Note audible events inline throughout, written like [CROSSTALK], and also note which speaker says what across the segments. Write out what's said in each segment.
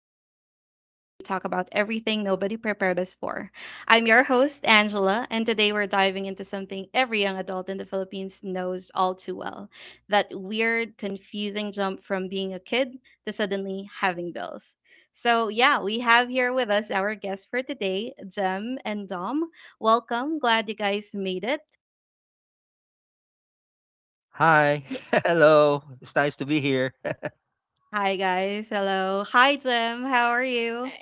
Speaker 1: the podcast where we talk about everything nobody prepared us for. I'm your host, Angela, and today we're diving into something every young adult in the Philippines knows all too well, that weird, confusing jump from being a kid to suddenly having bills. So, yeah, we have here with us our guests for today, Jem and Dom. Welcome. Glad you guys made it.
Speaker 2: Hi.
Speaker 3: Ye
Speaker 2: [LAUGHS] Hello. It's nice to be here. [LAUGHS]
Speaker 1: Hi, guys. Hello. Hi, Jem. How are
Speaker 3: uh,
Speaker 1: you?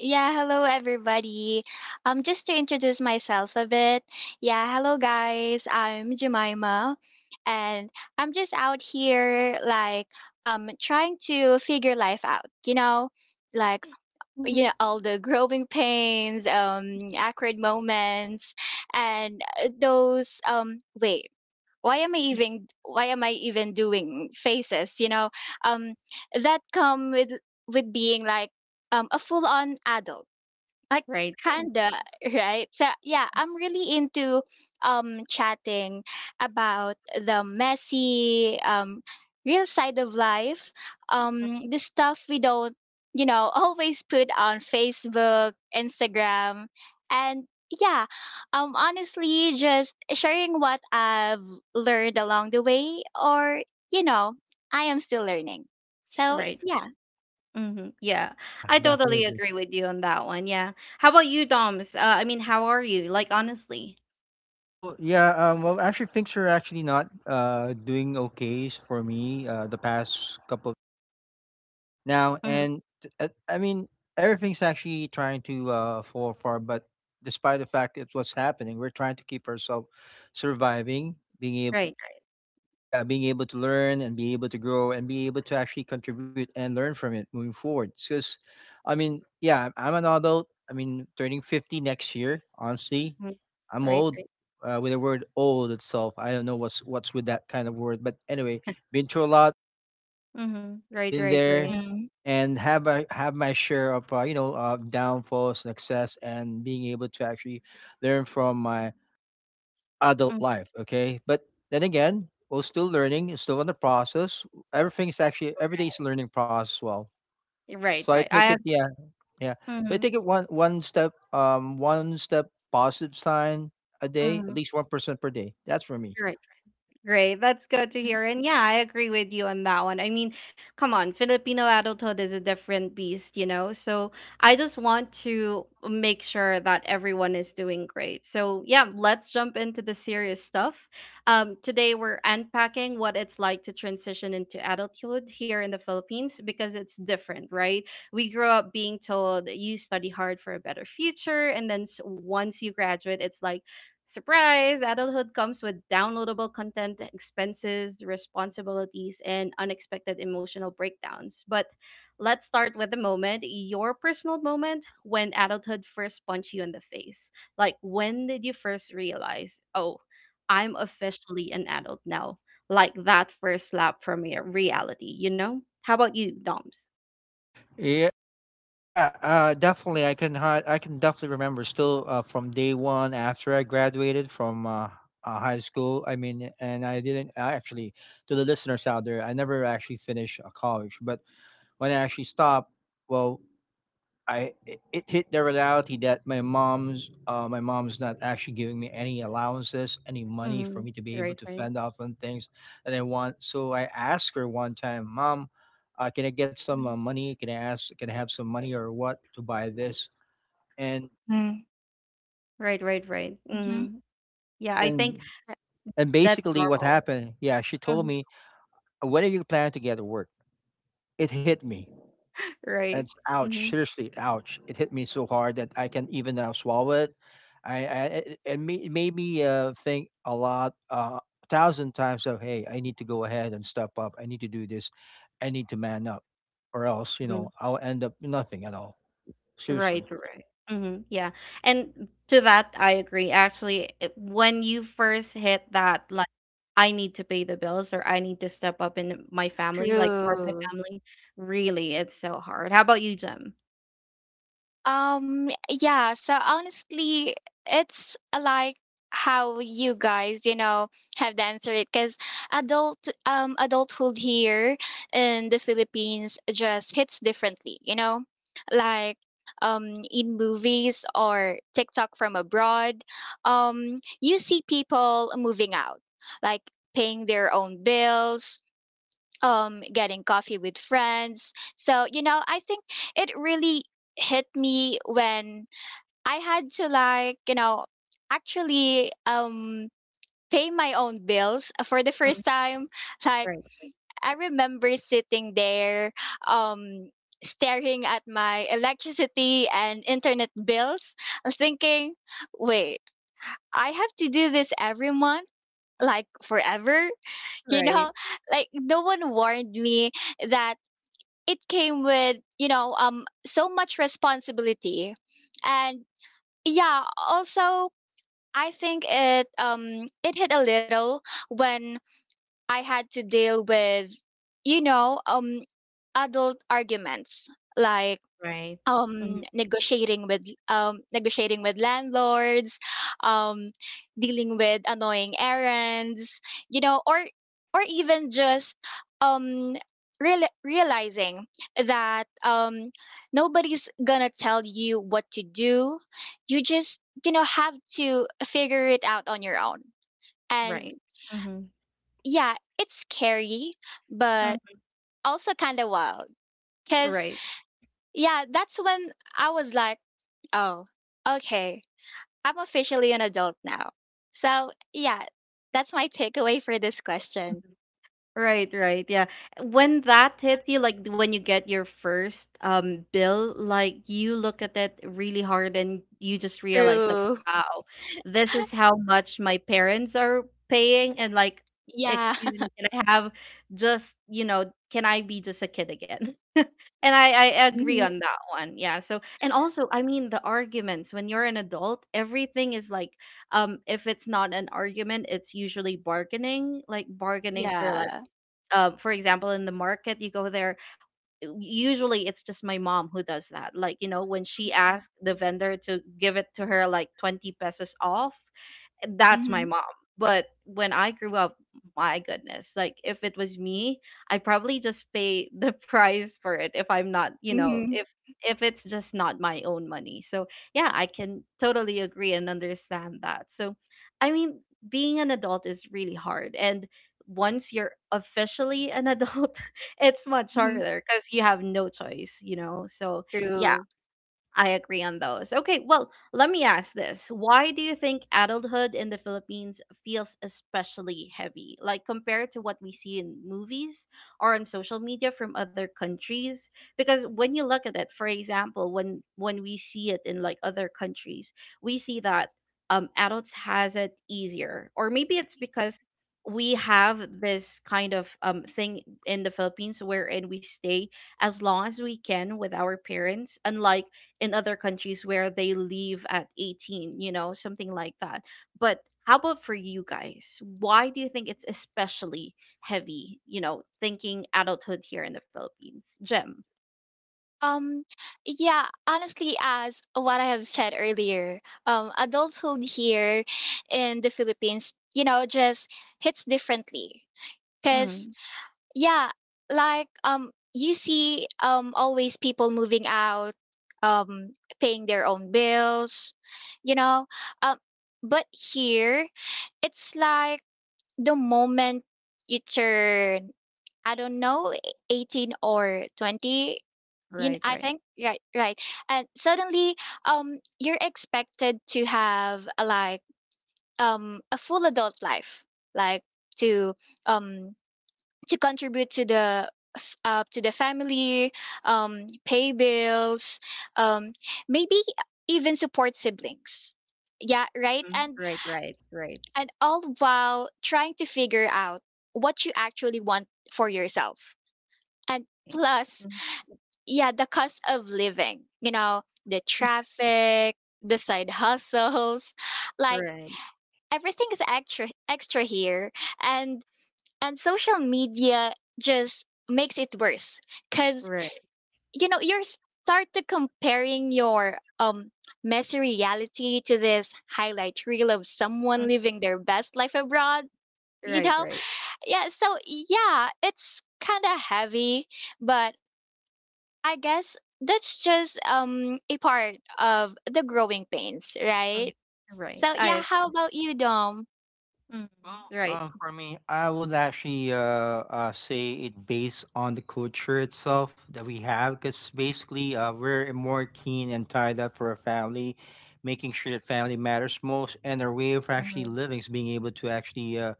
Speaker 3: yeah, hello everybody. Just to introduce myself a bit. Yeah, hello guys. I'm Jemima, and I'm just out here like trying to figure life out. Like,
Speaker 1: [LAUGHS]
Speaker 3: all the growing pains, awkward moments, and those, wait, why am I even doing faces, um that come with being, like, a full on adult, I
Speaker 1: Right, right,
Speaker 3: kinda, [LAUGHS] right? So yeah, I'm really into chatting about the messy, real side of life. The stuff we don't, [LAUGHS] always put on Facebook, Instagram, and yeah, honestly just sharing what I've learned along the way. Or, you know, I am still learning. So
Speaker 1: right.
Speaker 3: yeah.
Speaker 1: Hmm. Yeah,
Speaker 2: Yeah,
Speaker 1: I
Speaker 2: definitely
Speaker 1: totally
Speaker 2: agree.
Speaker 1: agree with you on that one. Yeah. How about you, Doms? I mean, how are you? Like, honestly.
Speaker 2: Oh, yeah. Well, things are actually not doing okay for me the past couple now.
Speaker 1: Mm-hmm.
Speaker 2: I mean, everything's actually trying to fall apart, but despite the fact it's what's happening, we're trying to keep ourselves surviving, being able
Speaker 1: Right.
Speaker 2: yeah, being able to learn and be able to grow and be able to actually contribute and learn from it moving forward. Because, I mean, yeah, I'm an adult. I mean, turning 50 next year, honestly,
Speaker 1: Right. Mm-hmm.
Speaker 2: I'm
Speaker 1: Right.
Speaker 2: old.
Speaker 1: Right.
Speaker 2: With the word old itself, I don't know what's with that kind of word. But anyway, been through a lot,
Speaker 1: Mhm. Right.
Speaker 2: been
Speaker 1: Right.
Speaker 2: there,
Speaker 1: Right.
Speaker 2: and have I have my share of you know downfalls, and success, and being able to actually learn from my adult
Speaker 1: Mhm.
Speaker 2: life. Okay, but then again, we're still learning, it's still in the process. Everything is actually every day is a learning process as well.
Speaker 1: Right.
Speaker 2: So I
Speaker 1: Right.
Speaker 2: take it,
Speaker 1: I.
Speaker 2: yeah, yeah. So I take
Speaker 1: Mm-hmm.
Speaker 2: it one step, one step positive sign a day,
Speaker 1: Mm-hmm.
Speaker 2: at least 1% per day. That's for me.
Speaker 1: Right. Great. That's good to hear. And yeah, I agree with you on that one. I mean, come on, Filipino adulthood is a different beast, you know? So I just want to make sure that everyone is doing great. So yeah, let's jump into the serious stuff. Today we're unpacking what it's like to transition into adulthood here in the Philippines because it's different, right? We grew up being told you study hard for a better future, and then once you graduate, it's like surprise! Adulthood comes with downloadable content, expenses, responsibilities, and unexpected emotional breakdowns. But let's start with the moment, your personal moment when adulthood first punched you in the face. Like, when did you first realize, oh, I'm officially an adult now? Like that first slap from your reality, you know? How about you, Doms?
Speaker 2: Yeah, yeah, definitely. I can definitely remember still from day one after I graduated from high school. I mean, and I didn't I actually to the listeners out there. I never actually finished college, but when I actually stopped, well, it hit the reality that my mom's not actually giving me any allowances, any money for
Speaker 1: Mm-hmm.
Speaker 2: me to be able
Speaker 1: Right,
Speaker 2: to
Speaker 1: right,
Speaker 2: fend off on things that I want. So I asked her one time, "Mom, can I get some money? Can I ask? Can I have some money or what to buy this?" And
Speaker 3: Mm-hmm.
Speaker 1: right, right, right.
Speaker 3: Mm-hmm.
Speaker 1: Mm-hmm. Yeah, I
Speaker 2: and
Speaker 1: think that's
Speaker 2: basically, what
Speaker 1: normal.
Speaker 2: happened? Yeah, she told
Speaker 1: Mhm.
Speaker 2: me, "When are you planning to get to work?" It hit me. And
Speaker 1: Right.
Speaker 2: it's ouch,
Speaker 1: Mm-hmm.
Speaker 2: seriously, ouch. It hit me so hard that I can even now swallow it. I it made me think a lot, a thousand times of, hey, I need to go ahead and step up. I need to do this. I need to man up, or else, you know,
Speaker 1: Mhm.
Speaker 2: I'll end up nothing at all. Seriously.
Speaker 1: Right, right. Hmm. Yeah. And to that, I agree. Actually, it, when you first hit that, like, I need to pay the bills or I need to step up in my family, like, for my
Speaker 3: True.
Speaker 1: family, really, it's so hard. How about you, Jim?
Speaker 3: Yeah, so honestly, it's like how you guys, you know, have to answer it because adult adulthood here in the Philippines just hits differently, you know? Like in movies or TikTok from abroad, you see people moving out, like paying their own bills, getting coffee with friends. So I think it really hit me when I had to, like, actually pay my own bills for the first
Speaker 1: Mm.
Speaker 3: time. Like,
Speaker 1: Right,
Speaker 3: I remember sitting there, um staring at my electricity and internet bills, thinking, wait, I have to do this every month, like, forever. [LAUGHS] You
Speaker 1: right.
Speaker 3: know, like no one warned me that it came with, so much responsibility. And yeah, also I think it hit a little when I had to deal with, you know um adult arguments, like
Speaker 1: Right. right. Mhm.
Speaker 3: negotiating with, landlords, um, dealing with annoying errands, you know, or even just, um, realizing that, nobody's gonna tell you what to do. You just have to figure it out on your own. And
Speaker 1: Right.
Speaker 3: yeah, it's scary, but
Speaker 1: Hmm.
Speaker 3: also kind of wild. Cause
Speaker 1: Right.
Speaker 3: yeah, that's when I was like, oh, okay. I'm officially an adult now. So, yeah, that's my takeaway for this question.
Speaker 1: Right, right. Yeah. When that hits you, like when you get your first bill, like you look at it really hard and you just realize like,
Speaker 3: True.
Speaker 1: wow, this is how much my parents are paying and like,
Speaker 3: Yeah.
Speaker 1: excuse
Speaker 3: [LAUGHS]
Speaker 1: me, can I have just, you know, can I be just a kid again? [LAUGHS] And I agree
Speaker 3: Mhm.
Speaker 1: on that one. Yeah. So, and also, I mean, the arguments when you're an adult, everything is like, if it's not an argument, it's usually bargaining, like bargaining for like,
Speaker 3: Yeah.
Speaker 1: for example, in the market, you go there. Usually, it's just my mom who does that. Like, you know, when she
Speaker 3: Mhm.
Speaker 1: asked the vendor to give it to her like 20 pesos off, that's my
Speaker 3: Mhm.
Speaker 1: mom. But when I grew up, my goodness, like if it was me, I probably just pay the [LAUGHS] price for it if I'm not, you know,
Speaker 3: Mm-hmm. Mm-hmm.
Speaker 1: if it's just not my own money. So yeah, I can totally agree and understand that. So I mean, being an adult is really hard, and once you're officially an adult, [LAUGHS] it's much
Speaker 3: Hmm.
Speaker 1: harder because you have no choice, you know. So yeah,
Speaker 3: True.
Speaker 1: I agree on those. Okay, well, let me ask this. Why do you think adulthood in the Philippines feels especially heavy? Like compared to what we see in movies or on social media from other countries? Because when you look at it, for example, when we see it in like other countries, we see that adults has it easier. Or maybe it's because we have this kind of thing in the Philippines wherein we stay as long as we can with our parents, unlike in other countries where they leave at 18, you know, something like that. But how about for you guys? Why do you think it's especially heavy, you know, thinking adulthood here in the Philippines? Gem.
Speaker 3: Um, yeah, honestly, as what I have said earlier, adulthood here in the Philippines, you know, just hits differently. Because
Speaker 1: Mm-hmm.
Speaker 3: yeah, like you see, always people moving out, paying their own bills, you know. Um but here it's like the moment you turn, I don't know, 18 or 20, you know,
Speaker 1: Right,
Speaker 3: I
Speaker 1: right.
Speaker 3: think. Right, right. And suddenly, you're expected to have, like, a full adult life, like to um to contribute to the f- to the family, pay bills, um, maybe even support siblings. Yeah, right.
Speaker 1: Mm.
Speaker 3: And
Speaker 1: Right, right, right.
Speaker 3: and all while trying to figure out what you actually want for yourself. And
Speaker 1: Right.
Speaker 3: plus,
Speaker 1: Mhm.
Speaker 3: yeah, the cost of living. You know, the traffic, the side hustles, [LAUGHS] like
Speaker 1: Right,
Speaker 3: everything is extra extra here. And and social media just makes it worse because,
Speaker 1: right.
Speaker 3: you start to comparing your, messy reality to this highlight reel of someone
Speaker 1: Mm.
Speaker 3: living their best life abroad, you
Speaker 1: Right,
Speaker 3: know.
Speaker 1: right.
Speaker 3: Yeah, so yeah, it's kind of heavy, but I guess that's just a part of the growing pains,
Speaker 1: Mm.
Speaker 3: right?
Speaker 1: Right.
Speaker 3: So
Speaker 1: I
Speaker 3: yeah,
Speaker 1: agree.
Speaker 3: how about you, Dom?
Speaker 1: Mm.
Speaker 2: Well,
Speaker 1: Right.
Speaker 2: for me, I would actually say it based on the culture itself that we have, because basically we're more keen and tied up for a family, making sure that family matters most, and our way of actually
Speaker 1: Mhm.
Speaker 2: living is being able to actually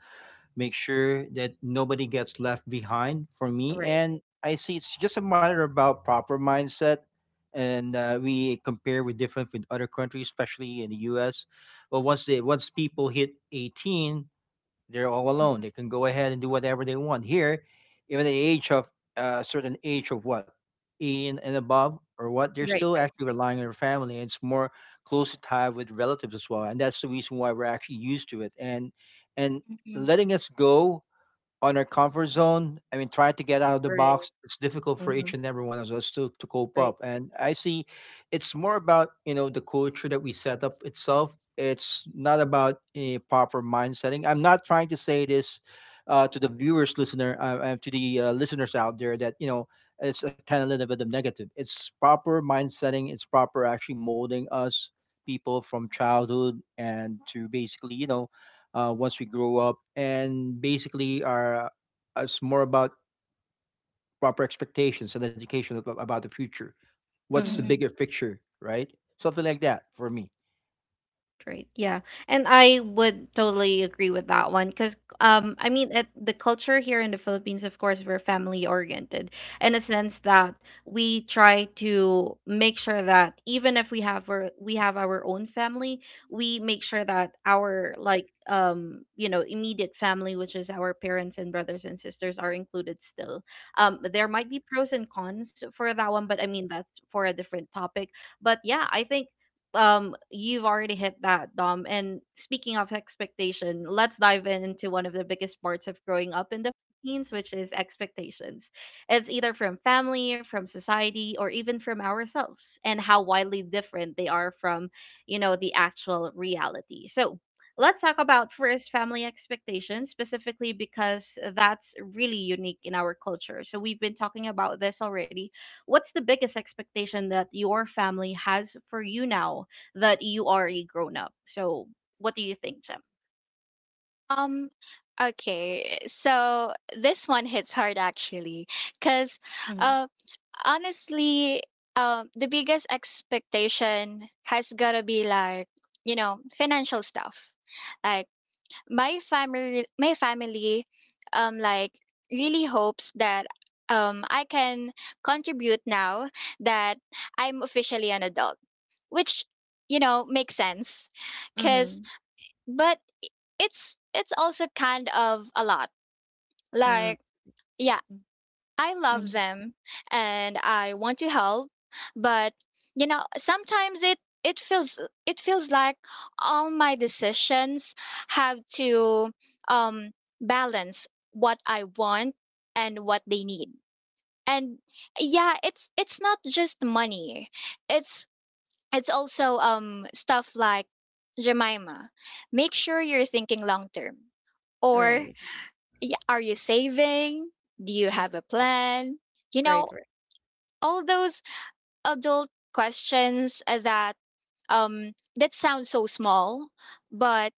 Speaker 2: make sure that nobody gets left behind. For me,
Speaker 1: Right.
Speaker 2: and I see it's just a matter about proper mindset, and we compare with other countries, especially in the U.S. But once people hit 18, they're all alone.
Speaker 1: Mhm.
Speaker 2: They can go ahead and do whatever they want. Here, even at the age of a certain age of what, 18 and above or what, they're
Speaker 1: Right, right. Right,
Speaker 2: still
Speaker 1: right,
Speaker 2: actually relying on their family. And it's more closely tied with relatives as well. And that's the reason why we're actually used to it. And letting us go on our comfort zone. I mean, trying to get out of the
Speaker 1: right.
Speaker 2: box, it's difficult for
Speaker 1: Mm-hmm.
Speaker 2: each and every one of us to cope
Speaker 1: Right,
Speaker 2: up. And I see it's more about, you know, the culture that we set up itself. It's not about a proper mind setting. I'm not trying to say this to the viewers, listener, and to the listeners out there that, you know, it's a kind of little bit of negative. It's proper mind setting. It's proper actually molding us people from childhood and to basically, you know, once we grow up, and basically are it's more about proper expectations and education about the future.
Speaker 1: right.
Speaker 2: What's the bigger
Speaker 3: Hmm.
Speaker 2: picture, right? Something like that for me.
Speaker 1: Right. Yeah. And I would totally agree with that one because I mean at the culture here in the Philippines, of course we're family oriented in a sense that we try to make sure that even if we have we have our own family, we make sure that our like, you know, immediate family, which is our parents and brothers and sisters, are included still. Um, there might be pros and cons for that one, but I mean that's for a different topic. But yeah, I think you've already hit that, Dom. And speaking of expectation, let's dive in into one of the biggest parts of growing up in the Philippines, which is expectations. It's either from family, from society, or even from ourselves, and how widely different they are from, you know, the actual reality. So let's talk about first family expectations specifically, because that's really unique in our culture. So we've been talking about this already. What's the biggest expectation that your family has for you now that you are a grown up. So what do you think, Jem?
Speaker 3: Um, okay. So this one hits hard actually, because, uh, honestly, the biggest expectation has gotta be, like, financial stuff. Like, my family, like really hopes that I can contribute now that I'm officially an adult, which, makes sense,
Speaker 1: Mm-hmm. Mm-hmm.
Speaker 3: because but I- it's also kind of a lot. Like, yeah, I
Speaker 1: Mm-hmm.
Speaker 3: love them and I want to help, but, sometimes it feels, like all my decisions have to, um balance what I want and what they need. And yeah, it's not just money, it's it's also, stuff like, Jemima, make sure you're thinking long term. Or,
Speaker 1: Right.
Speaker 3: are you saving? Do you
Speaker 1: Mm.
Speaker 3: have a plan? You
Speaker 1: Right.
Speaker 3: know,
Speaker 1: Right.
Speaker 3: all those adult questions, that sound so small, but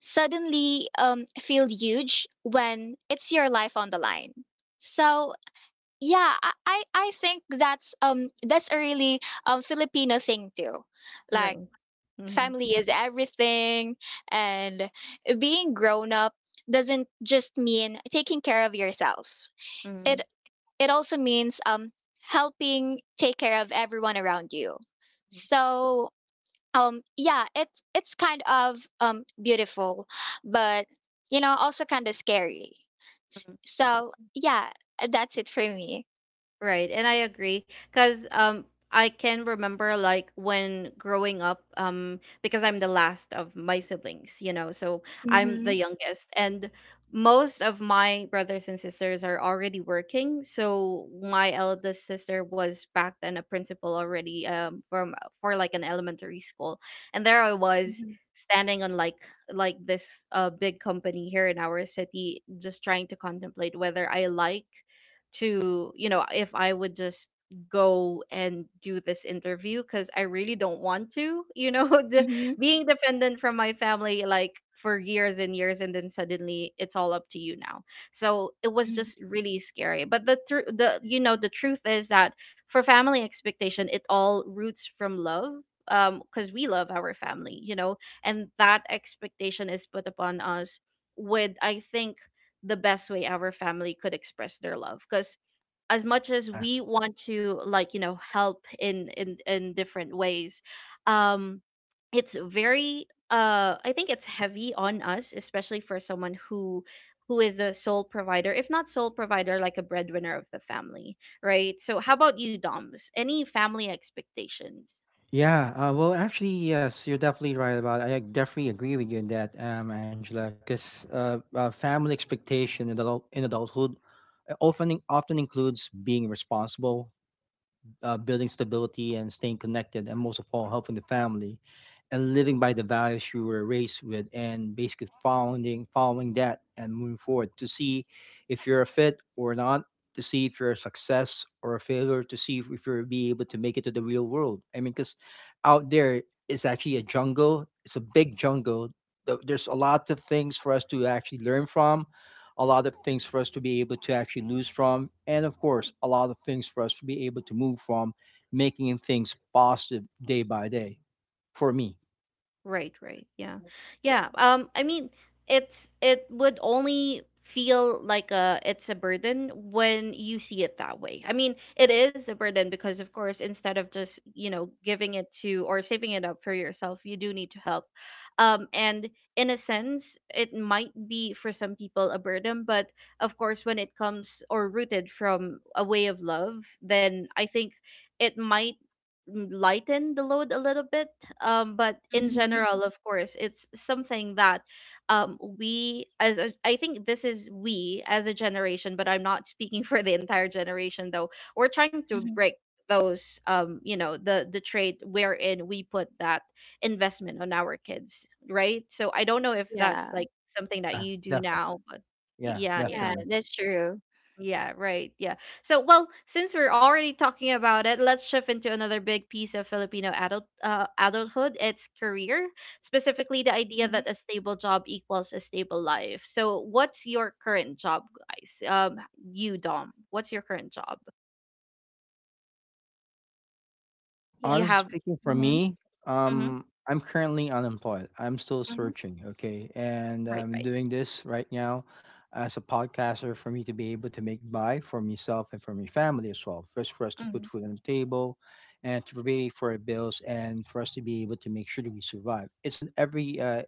Speaker 3: suddenly, feel huge when it's your life on the line. So yeah, I think that's a really, Filipino thing too. Like,
Speaker 1: Right. Mm-hmm.
Speaker 3: family is everything, and being grown up doesn't just mean taking care of yourself, it
Speaker 1: Mm-hmm.
Speaker 3: it also means, helping take care of everyone around you. So, yeah, it's kind of, beautiful, but, also kind of scary. So yeah, that's it for me.
Speaker 1: Right, and I agree because I can remember like when growing up, because I'm the last of my siblings, you know, so I'm the
Speaker 3: Mhm.
Speaker 1: youngest and most of my brothers and sisters are already working. So my eldest sister was back then a principal already, from, for like an elementary school. And there I was
Speaker 3: Mhm.
Speaker 1: standing on like this big company here in our city, just trying to contemplate whether I like to, you know, if I would just go and do this interview, because I really don't want to, you know, [LAUGHS] the,
Speaker 3: Mhm.
Speaker 1: being dependent from my family like for years and years, and then suddenly it's all up to you now. So it was just
Speaker 3: Mhm.
Speaker 1: really scary. But the you know, the truth is that for family expectation, it all roots from love, because we love our family, you know, and that expectation is put upon us with, I think, the best way our family could express their love. Because as much as
Speaker 2: Yeah.
Speaker 1: we want to like, you know, help in in different ways, um it's very, I think it's heavy on us, especially for someone who is the sole provider, if not sole provider, like a breadwinner of the family, right? So how about you, Doms? Any family expectations?
Speaker 2: Yeah. Well, actually, yes, you're definitely right about it. I definitely agree with you in that, Angela, because family expectation in adulthood often often includes being responsible, building stability and staying connected, and most of all, helping the family and living by the values you were raised with, and basically following that and moving forward to see if you're a fit or not, to see if you're a success or a failure, to see if you're be able to make it to the real world. I mean, because out there is actually a jungle. It's a big jungle. There's a lot of things for us to actually learn from a lot of things for us to be able to actually lose from, and of course, a lot of things for us to be able to move from, making things positive day by day for me.
Speaker 1: Right, right. Yeah. Yeah. Um, I mean it's, it would only feel like a, it's a burden when you see it that way. I mean, it is a burden because, of course, instead of just, you know, giving it to or saving it up for yourself, you do need to help. Um, and in a sense, it might be for some people a burden, but of course when it comes or rooted from a way of love, then I think it might, mm, lighten the load a little bit, but in
Speaker 3: Mhm.
Speaker 1: general, mhm, of course it's something that, we as I think this is, we as a generation, but I'm not speaking [LAUGHS] for the entire generation though, we're trying to break
Speaker 3: Mhm.
Speaker 1: those, you know, the trade wherein we put that investment on our kids, right? So I don't know if that's
Speaker 3: Yeah.
Speaker 1: like something that
Speaker 2: Yeah,
Speaker 1: you do
Speaker 2: definitely.
Speaker 1: now, but
Speaker 2: Yeah,
Speaker 3: Y-
Speaker 1: yeah, yeah,
Speaker 3: yeah,
Speaker 2: definitely.
Speaker 3: that's true.
Speaker 1: yeah, right. Yeah. So, well, since we're already talking about it, let's shift into another big piece of Filipino adulthood. It's career, specifically the idea that a stable job equals a stable life. So, what's your current job, guys? You, Dom, what's your current job?
Speaker 3: Yeah.
Speaker 1: You
Speaker 2: Honestly
Speaker 1: have.
Speaker 2: speaking, for
Speaker 3: Mhm.
Speaker 2: me,
Speaker 1: Mm-hmm,
Speaker 2: I'm currently unemployed. I'm still
Speaker 1: mm-hmm,
Speaker 2: searching, okay? And
Speaker 1: right.
Speaker 2: I'm
Speaker 1: Right.
Speaker 2: doing this right now as a podcaster for me to be able to make buy for myself and for my family as well. First, for us to
Speaker 1: Mm-hmm,
Speaker 2: put food on the table and to pay for our bills and for us to be able to make sure that we survive. It's an every,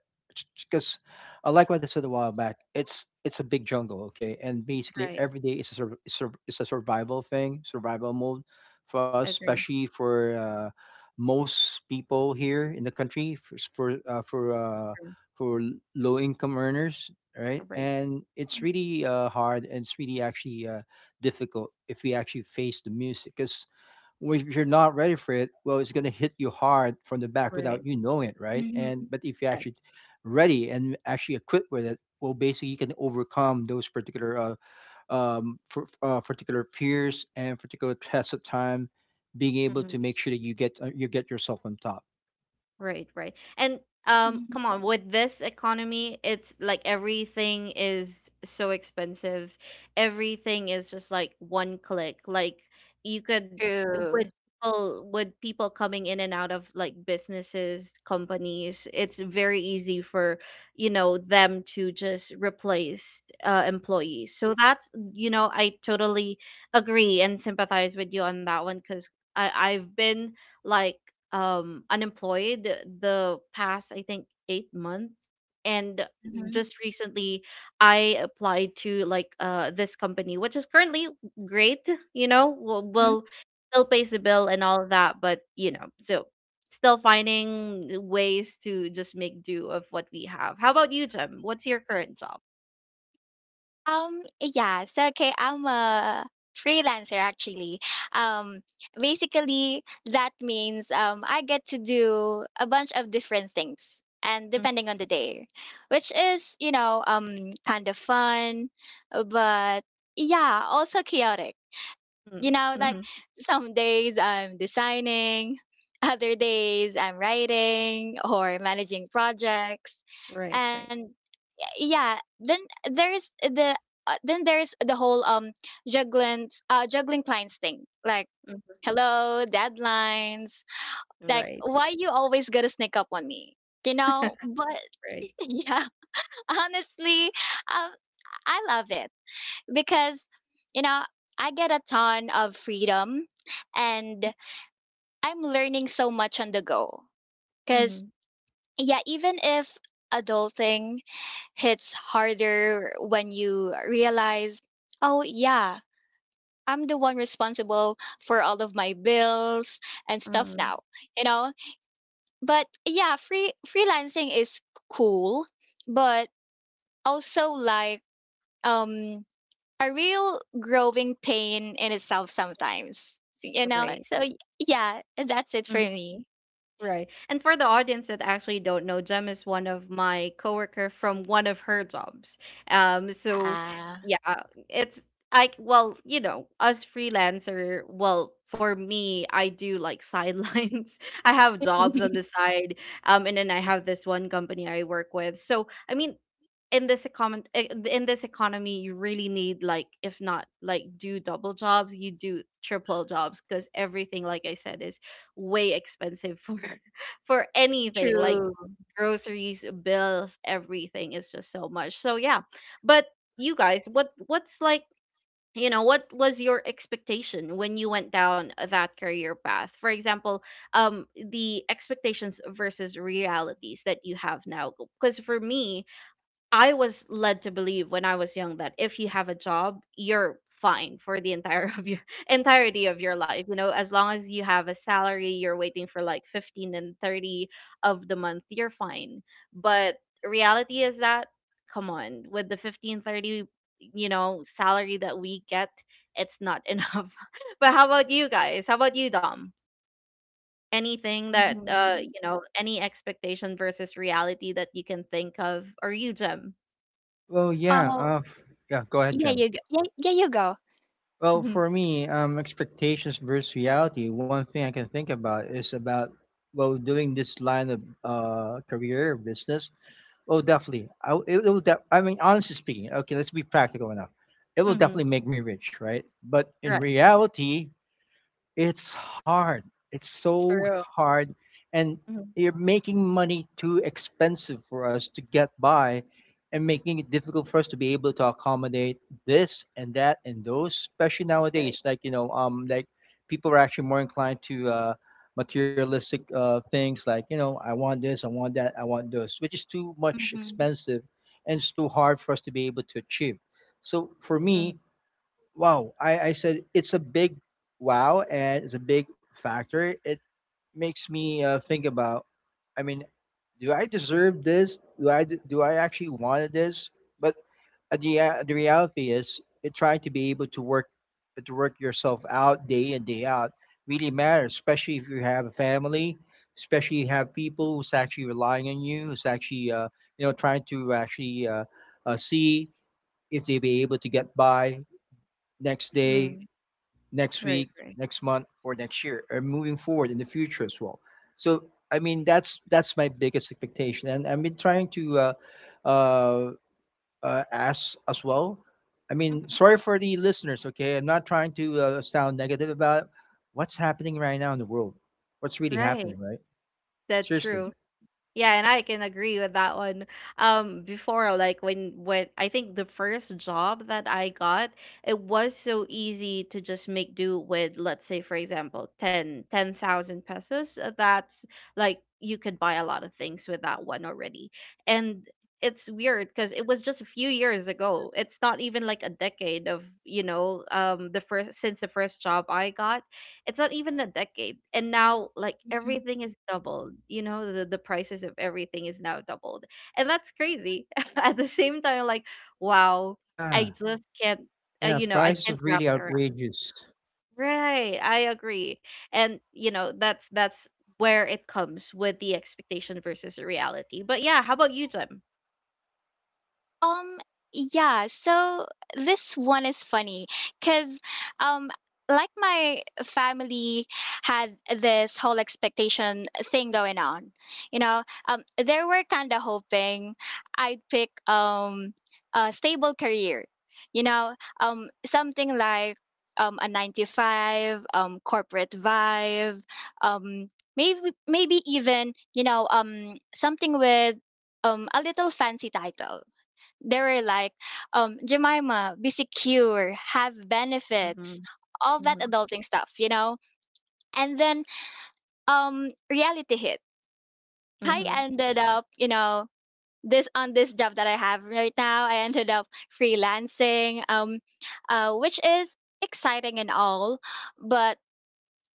Speaker 2: because I like what I said a while back, it's a big jungle, okay? And basically,
Speaker 1: right.
Speaker 2: every day is a, is a survival thing, survival mode for us,
Speaker 1: Agree.
Speaker 2: especially for most people here in the country for s-
Speaker 1: Mm.
Speaker 2: for low income earners, right?
Speaker 1: Right.
Speaker 2: And it's really hard, and it's really actually difficult if we actually face the music, because if you're not ready for it, well, it's gonna hit you hard from the back without
Speaker 1: Right.
Speaker 2: you knowing it, right?
Speaker 3: Mm,
Speaker 2: And
Speaker 3: mhm,
Speaker 2: but if you actually ready and actually equipped with it, well, basically you can overcome those particular for particular fears and particular tests of time, being able
Speaker 1: That.
Speaker 2: to make sure that you get yourself on top.
Speaker 1: Right, right. And
Speaker 3: mhm.
Speaker 1: come on, with this economy, it's like everything is so expensive. Everything is just like one click. Like you could, with
Speaker 3: True.
Speaker 1: people, with people coming in and out of like businesses, companies, it's very easy for, you know, them to just replace employees. So that's, you know, I totally agree and sympathize with you on that one, because I I've been like, unemployed the past, I think, 8 months, and
Speaker 3: Mhm,
Speaker 1: just recently I applied to like, this company, which is currently great, you know,
Speaker 3: mhm.
Speaker 1: will still pays the bill and all of that, but you know, so still finding ways to just make do of what we have. How about you, Jim? What's your current job?
Speaker 3: Yeah, so, okay, I'm a freelancer actually. Um, Basically, that means, I get to do a bunch of different things and depending on the day, which is, kind of fun, but yeah, also chaotic. You
Speaker 1: Mhm.
Speaker 3: know, like
Speaker 1: Mhm.
Speaker 3: some days I'm designing, [LAUGHS] other days I'm writing or managing projects.
Speaker 1: Right, right.
Speaker 3: And yeah, there's the then there's the whole, juggling clients thing. Like,
Speaker 1: Mhm.
Speaker 3: hello, deadlines. Like,
Speaker 1: Right,
Speaker 3: why you always got to sneak up on me? You know? But
Speaker 1: right.
Speaker 3: [LAUGHS] yeah, honestly, um I love it because, you know I get a ton of freedom and I'm learning so much on the go, cuz
Speaker 1: Mhm.
Speaker 3: yeah, even if adulting hits harder when you realize, oh yeah, I'm the one responsible for all of my bills and stuff
Speaker 1: Mhm.
Speaker 3: now, you know. But yeah, freelancing is cool, but also, like, um a real growing pain in itself sometimes. So, you know,
Speaker 1: Right.
Speaker 3: so yeah, that's it for me.
Speaker 1: Right. And for the audience that actually don't know, Jem is one of my coworker from one of her jobs. So
Speaker 3: Ah,
Speaker 1: yeah, it's like, well, you know, us freelancer, well, for me, I do like sidelines. [LAUGHS] I have jobs on the
Speaker 3: [LAUGHS]
Speaker 1: side. And then I have this one company I work with. So I mean, in this economy, in this economy you really need, like, if not, like, do double jobs, you do triple jobs because everything, like I said, is way expensive for [LAUGHS] for anything, like
Speaker 3: true.
Speaker 1: groceries, bills, everything is just so much. So yeah, but you guys, what's like, you know, what was your expectation when you went down that career path, for example? um the expectations versus realities that you have now? Because for me, I was led to believe when I was young that if you have a job, you're fine for the entire of your [LAUGHS] entirety of your life. You know, as long as you have a salary, you're waiting for like 15 and 30 of the month, you're fine. But reality is that, come on, with the 15, 30, you know, salary that we get, it's not [LAUGHS] enough. But how about you guys? How about you, Dom? Anything that,
Speaker 3: Hmm.
Speaker 1: you know, any expectation versus reality that you can think of? Or you, Jim?
Speaker 2: Well, yeah,
Speaker 3: Oh,
Speaker 2: yeah. Go ahead,
Speaker 3: yeah,
Speaker 2: Jem.
Speaker 3: you go. Yeah, yeah, you go.
Speaker 2: Well, for
Speaker 1: [LAUGHS]
Speaker 2: me, expectations versus reality. One thing I can think about is about well doing this line of career business. Oh, definitely. I w- it will. Def- I mean, honestly speaking, okay, let's be practical enough. It will
Speaker 1: Mhm.
Speaker 2: definitely make me rich, right? But in
Speaker 1: Right.
Speaker 2: reality, it's hard. It's so
Speaker 1: True.
Speaker 2: hard. And
Speaker 1: Mhm.
Speaker 2: you're making money too expensive for us to get by and making it difficult for us to be able to accommodate this and that and those, especially
Speaker 1: Right.
Speaker 2: nowadays. Like, you know, like people are actually more inclined to materialistic things like, you know, I want this, I want that, I want those, which is too much
Speaker 3: Hmm.
Speaker 2: expensive and it's too hard for us to be able to achieve. So for me, wow, I said it's a big wow and it's a big factor. It makes me think about, I mean, do I deserve this? Do I actually want this? But the reality is, it trying to be able to work yourself out day in day out really matters, especially if you have a family, especially you have people who's actually relying on you, who's actually you know trying to actually see if they be able to get by next day
Speaker 1: Mm-hmm.
Speaker 2: next
Speaker 1: Right.
Speaker 2: week,
Speaker 1: Right.
Speaker 2: next month, or next year, or moving forward in the future as well. So I mean, that's my biggest expectation, and I've been trying to uh, ask as well. I mean,
Speaker 1: Mhm.
Speaker 2: sorry for the listeners. Okay, I'm not trying to sound negative about what's happening right now in the world. What's really
Speaker 1: Right.
Speaker 2: happening, right?
Speaker 1: That's
Speaker 2: Seriously.
Speaker 1: true. Yeah, and I can agree with that one. Before, like, when I think the first job that I got, it was so easy to just make do with, let's say, for example, ten thousand pesos. That's like, you could buy a lot of things with that one already. And it's weird because it was just a few years ago. It's not even like a decade of, you know, the first, since the first job I got, it's not even a decade, and now like everything is doubled. You know, the prices of everything is now doubled, and that's crazy. [LAUGHS] At the same time, like, wow,
Speaker 2: Yeah,
Speaker 1: I just can't
Speaker 2: yeah.
Speaker 1: you know, I
Speaker 2: Prices
Speaker 1: can't
Speaker 2: is
Speaker 1: wrap
Speaker 2: really
Speaker 1: it around.
Speaker 2: outrageous.
Speaker 1: Right, I agree. And you know, that's where it comes with the expectation versus the reality. But yeah, how about you, Jim?
Speaker 3: Um, yeah, so this one is funny because, um, like my family had this whole expectation thing going on. You know, they were kind of hoping I'd pick a stable career. You know, something like, a nine to five, corporate vibe, um, maybe maybe even, something with, a little fancy title. They were like, Jemima, be secure, have benefits,
Speaker 1: Mm-hmm.
Speaker 3: all that adulting stuff, you know? And then, reality hit. I
Speaker 1: Mm-hmm.
Speaker 3: ended up, you know, This on this job that I have right now, I ended up freelancing, which is exciting and all, but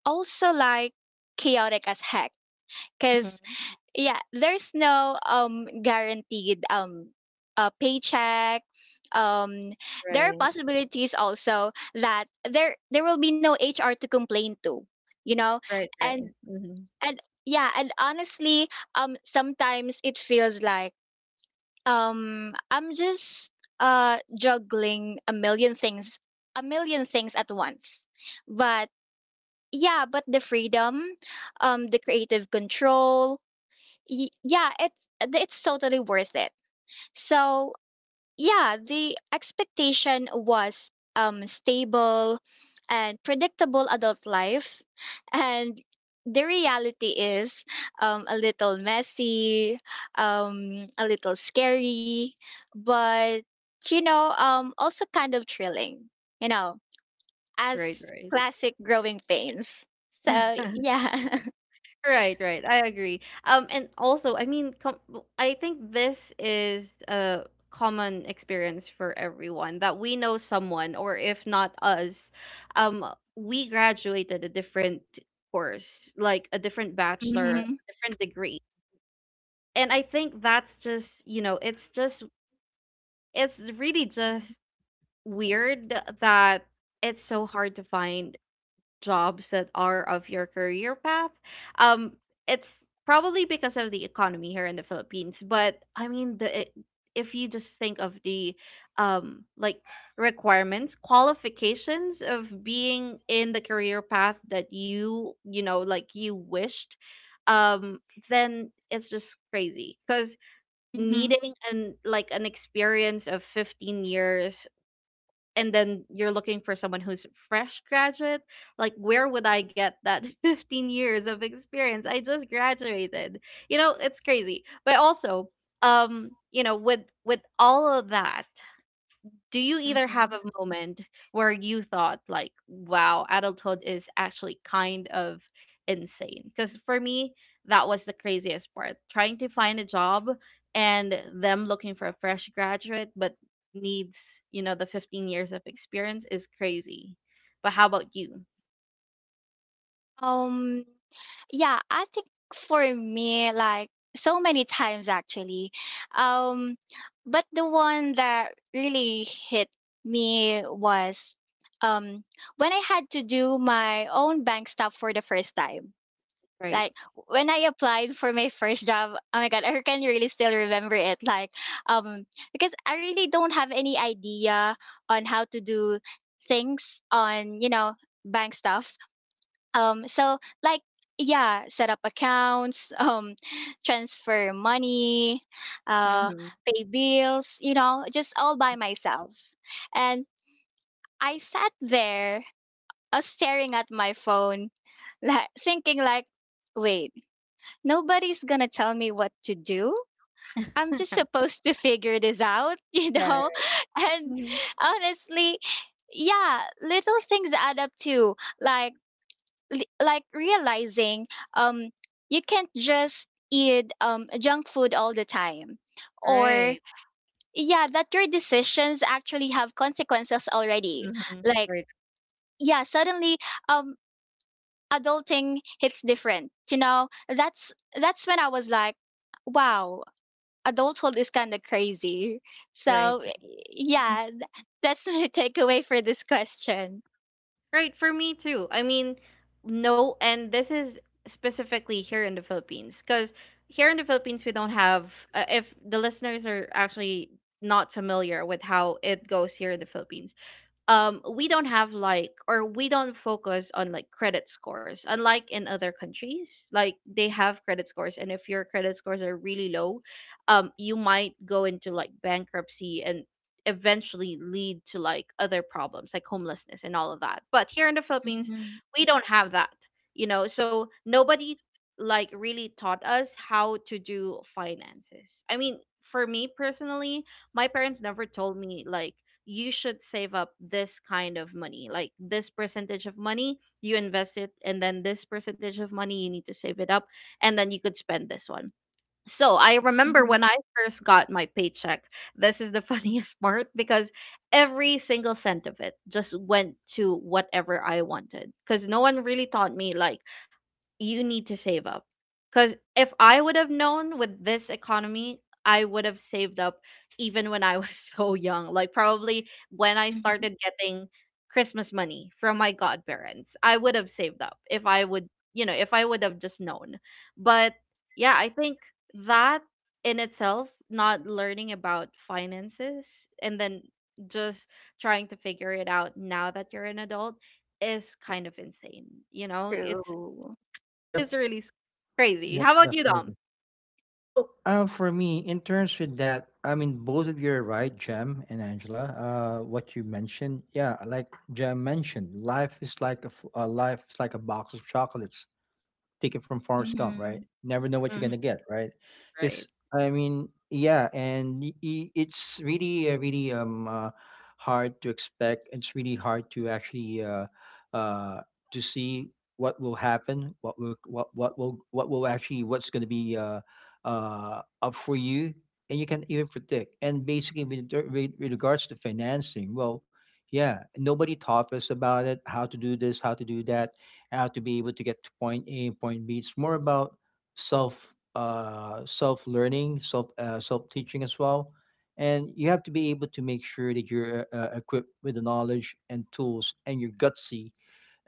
Speaker 3: also like chaotic as heck. Because
Speaker 1: Mm-hmm.
Speaker 3: yeah, there's no, guaranteed, paycheck. um there are
Speaker 1: Right.
Speaker 3: possibilities also that there will be no HR to complain to, you know.
Speaker 1: Right.
Speaker 3: and
Speaker 1: Right. Mm-hmm.
Speaker 3: and yeah, and honestly, sometimes it feels like, I'm just, juggling a million things, a million things at once. But yeah, but the freedom, the creative control. Yeah, it's totally worth it. So yeah, the expectation was, stable and predictable adult life, and the reality is, a little messy, a little scary, but, also kind of thrilling. You know, as
Speaker 1: Right.
Speaker 3: classic growing pains. So
Speaker 1: Right. [LAUGHS]
Speaker 3: yeah.
Speaker 1: Right, right. I agree. And also, I mean, I think this is a common experience for everyone that we know someone, or if not us, um, we graduated a different course, like a different
Speaker 3: [LAUGHS]
Speaker 1: bachelor,
Speaker 3: Hmm.
Speaker 1: a different degree. And I think that's just, you know, it's just, it's really just weird that it's so hard to find jobs that are of your career path. Um, it's probably because of the economy here in the Philippines, but I mean, the if you just think of the like requirements, qualifications of being in the career path that you know, like, you wished, um, then it's just crazy because
Speaker 3: Hmm.
Speaker 1: needing an, like, an experience of 15 years, and then you're looking for someone who's fresh graduate. Like, where would I get that [LAUGHS] 15 years of experience? I just graduated. You know, it's crazy. But also, you know, with with all of that, do you either have
Speaker 3: Hmm.
Speaker 1: a moment where you thought like, wow, adulthood is actually kind of insane? Because for me, that was the craziest part: trying to find a job and them looking for a fresh graduate, but needs, you know, the 15 years of experience is crazy. But how about you?
Speaker 3: Um, Yeah, I think for me, like so many times actually. Um, but the one that really hit me was, um when I had to do my own bank stuff for the first time.
Speaker 1: Right.
Speaker 3: Like, when I applied for my [LAUGHS] first job, oh my god, I can really still remember it. Like, um, because I really don't have any idea on how to do things on, you know, bank stuff. So like, yeah, set up accounts, [LAUGHS] transfer money, uh,
Speaker 1: Mm-hmm.
Speaker 3: pay bills, you know, just all by myself. And I sat there, staring at my phone, [LAUGHS] like thinking like, wait, nobody's gonna tell me what to do. I'm just supposed to figure this out, [LAUGHS] you
Speaker 1: [LAUGHS] Yeah.
Speaker 3: know? [LAUGHS] And
Speaker 1: Mhm.
Speaker 3: honestly, yeah, little things add up too. Like, realizing, um you can't just eat, junk food all the time. Or
Speaker 1: Right.
Speaker 3: yeah, that your decisions actually have consequences already.
Speaker 1: Mm-hmm.
Speaker 3: Like,
Speaker 1: Right.
Speaker 3: yeah, suddenly, um adulting hits different, you know. That's when I was like, wow, adulthood is kind of crazy.
Speaker 1: Right.
Speaker 3: So yeah, that's my [LAUGHS] takeaway for this question.
Speaker 1: Right, for me too. I mean, no, and this is specifically here in the Philippines, because here in the Philippines, we don't have, if the listeners are actually not familiar with how it goes here in the Philippines, we don't have, like, or we don't focus on like credit scores, unlike in other countries, like they have credit scores, and if your credit scores are really low, you might go into like bankruptcy, and eventually lead to like other problems like homelessness and all of that. But here in the Philippines,
Speaker 3: Mhm,
Speaker 1: we don't have that, you know. So nobody like really taught us how to do finances. I mean, for me personally, my parents never told me like, you should save up this kind of money, like this percentage of money you invest it, and then this percentage of money you need to save it up, and then you could spend this one. So I remember
Speaker 3: mhm.
Speaker 1: when I first got my paycheck, this is the [LAUGHS] funniest part, because every single cent of it just went to whatever I wanted, because no one really taught me like, you need to save up. Because if I would have known with this economy, I would have saved up even when I was [LAUGHS] so young. Like, probably when I
Speaker 3: Mhm.
Speaker 1: started getting Christmas money from my godparents, I would have saved up if I would, you know, if I would have just known. But yeah, I think that, in itself, not learning about finances, and then just trying to figure it out now that you're an adult is kind of insane. You know,
Speaker 3: True.
Speaker 1: it's
Speaker 2: Yep,
Speaker 1: really s crazy.
Speaker 2: yep,
Speaker 1: How about you, Dom?
Speaker 2: definitely. Well, for me, in terms with that, I mean, both of you are right, Jem and Angela. What you mentioned, yeah, like Jem mentioned, life is life is like a box of chocolates, take it from Forrest Gump, right?
Speaker 3: Mhm.
Speaker 2: Never know what you're
Speaker 1: Mhm,
Speaker 2: gonna get, right?
Speaker 1: right,
Speaker 2: Because I mean, yeah, and it's really, really hard to expect. It's really hard to actually uh, to see what will happen, what's gonna be up for you, and you can even predict. And basically, with, with regards to financing, well, yeah, nobody taught us about it, how to do this, how to do that to be able to get to point A and point B. It's more about self self learning, self self teaching as well, and you have to be able to make sure that you're equipped with the knowledge and tools, and you're gutsy,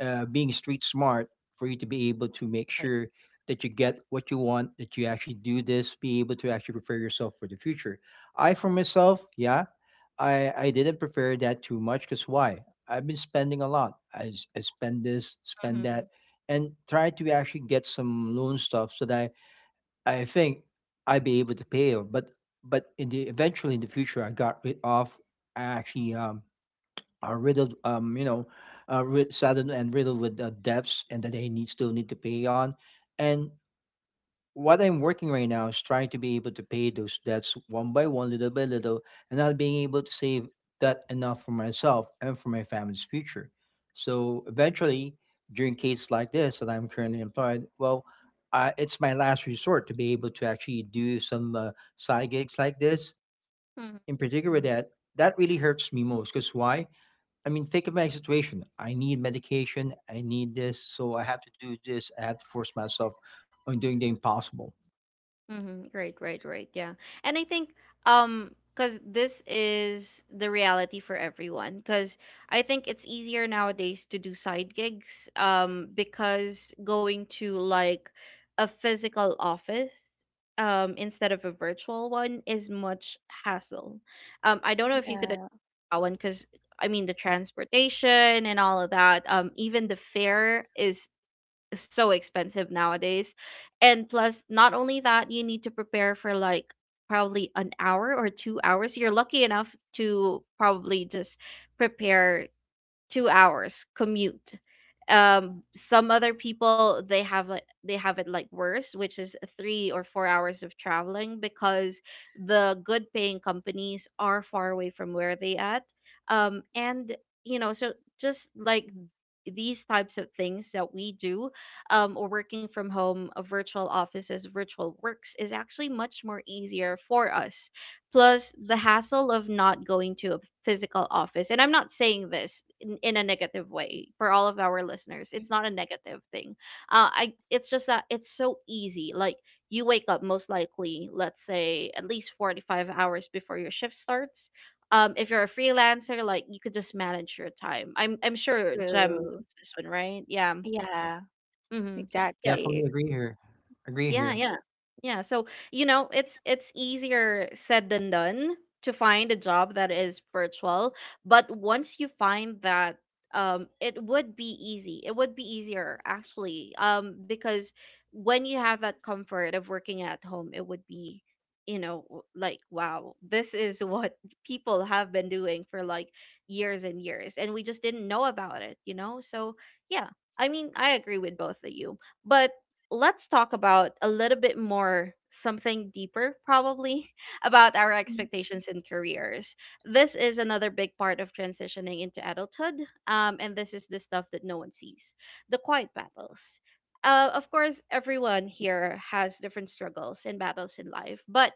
Speaker 2: being street smart for you to be able to make
Speaker 1: right.
Speaker 2: sure that you get what you want, that you actually do this, be able to actually prepare yourself for the future. I, for myself, yeah, I didn't prepare that too much because why? I've been spending a lot. I spend this, spend that,
Speaker 1: Mhm,
Speaker 2: and try to actually get some loan stuff so that I think I'd be able to pay it. But in the eventually in the future, I actually are riddled, ri saddled and riddled with debts and that they need still need to pay on. And what I'm working right now is trying to be able to pay those debts one by one, little by little, and not being able to save that enough for myself and for my family's future. So eventually, during cases like this that I'm currently employed, well, it's my last resort to be able to actually do some side gigs like this.
Speaker 1: mhm,
Speaker 2: And in particular,
Speaker 1: mhm,
Speaker 2: that that really hurts me most. Because why? I mean, think of my situation. I need medication. I need this. So I have to do this. I have to force myself on doing the impossible.
Speaker 1: mhm, right, right, right, yeah. And I think, because this is the reality for everyone. Because I think it's easier nowadays to do side gigs, because going to like a physical office, instead of a virtual one is much hassle. I don't know if you could
Speaker 3: Yeah.
Speaker 1: that one, because I mean the transportation and all of that. Even the fare is so expensive nowadays, and plus not only that, you need to prepare for like probably an hour or 2 hours. You're lucky enough to probably just prepare 2 hours commute. Um some other people, they have like, they have it like worse, which is 3 or 4 hours of traveling because the good paying companies are far away from where they at. And you know, so just like these types of things that we do, or working from home, virtual offices, virtual works is actually much more easier for us, plus the hassle of not going to a physical office. And I'm not saying this in a negative way for all of our listeners.
Speaker 3: Mm.
Speaker 1: It's not a negative thing. I it's just that it's so easy. Like, you wake up most likely, let's say, at least 45 hours before your shift starts. If you're a freelancer, like you could just manage your time. I'm sure Jem knows
Speaker 3: True.
Speaker 1: this one, right? Yeah.
Speaker 3: Yeah,
Speaker 1: Mm-hmm.
Speaker 2: I
Speaker 1: Yeah.
Speaker 2: definitely
Speaker 3: exactly.
Speaker 2: agree here. Agree
Speaker 1: Yeah,
Speaker 2: here.
Speaker 1: yeah. Yeah, so you know, it's easier said than done to find a job that is virtual, but once you find that, it would be easy. It would be easier, actually. Because when you have that comfort of working at home, it would be, you know, like, wow, this is [LAUGHS] what people have been doing for like years and years, and we just didn't know about it. You know, so yeah, I mean, I agree with both of you, but let's talk about a little bit more, something deeper probably, [LAUGHS] about our
Speaker 3: Mm.
Speaker 1: expectations in careers. This is another big part of transitioning into adulthood. And this is the stuff that no one sees: the quiet battles. Of course, everyone here has different struggles and battles in life, but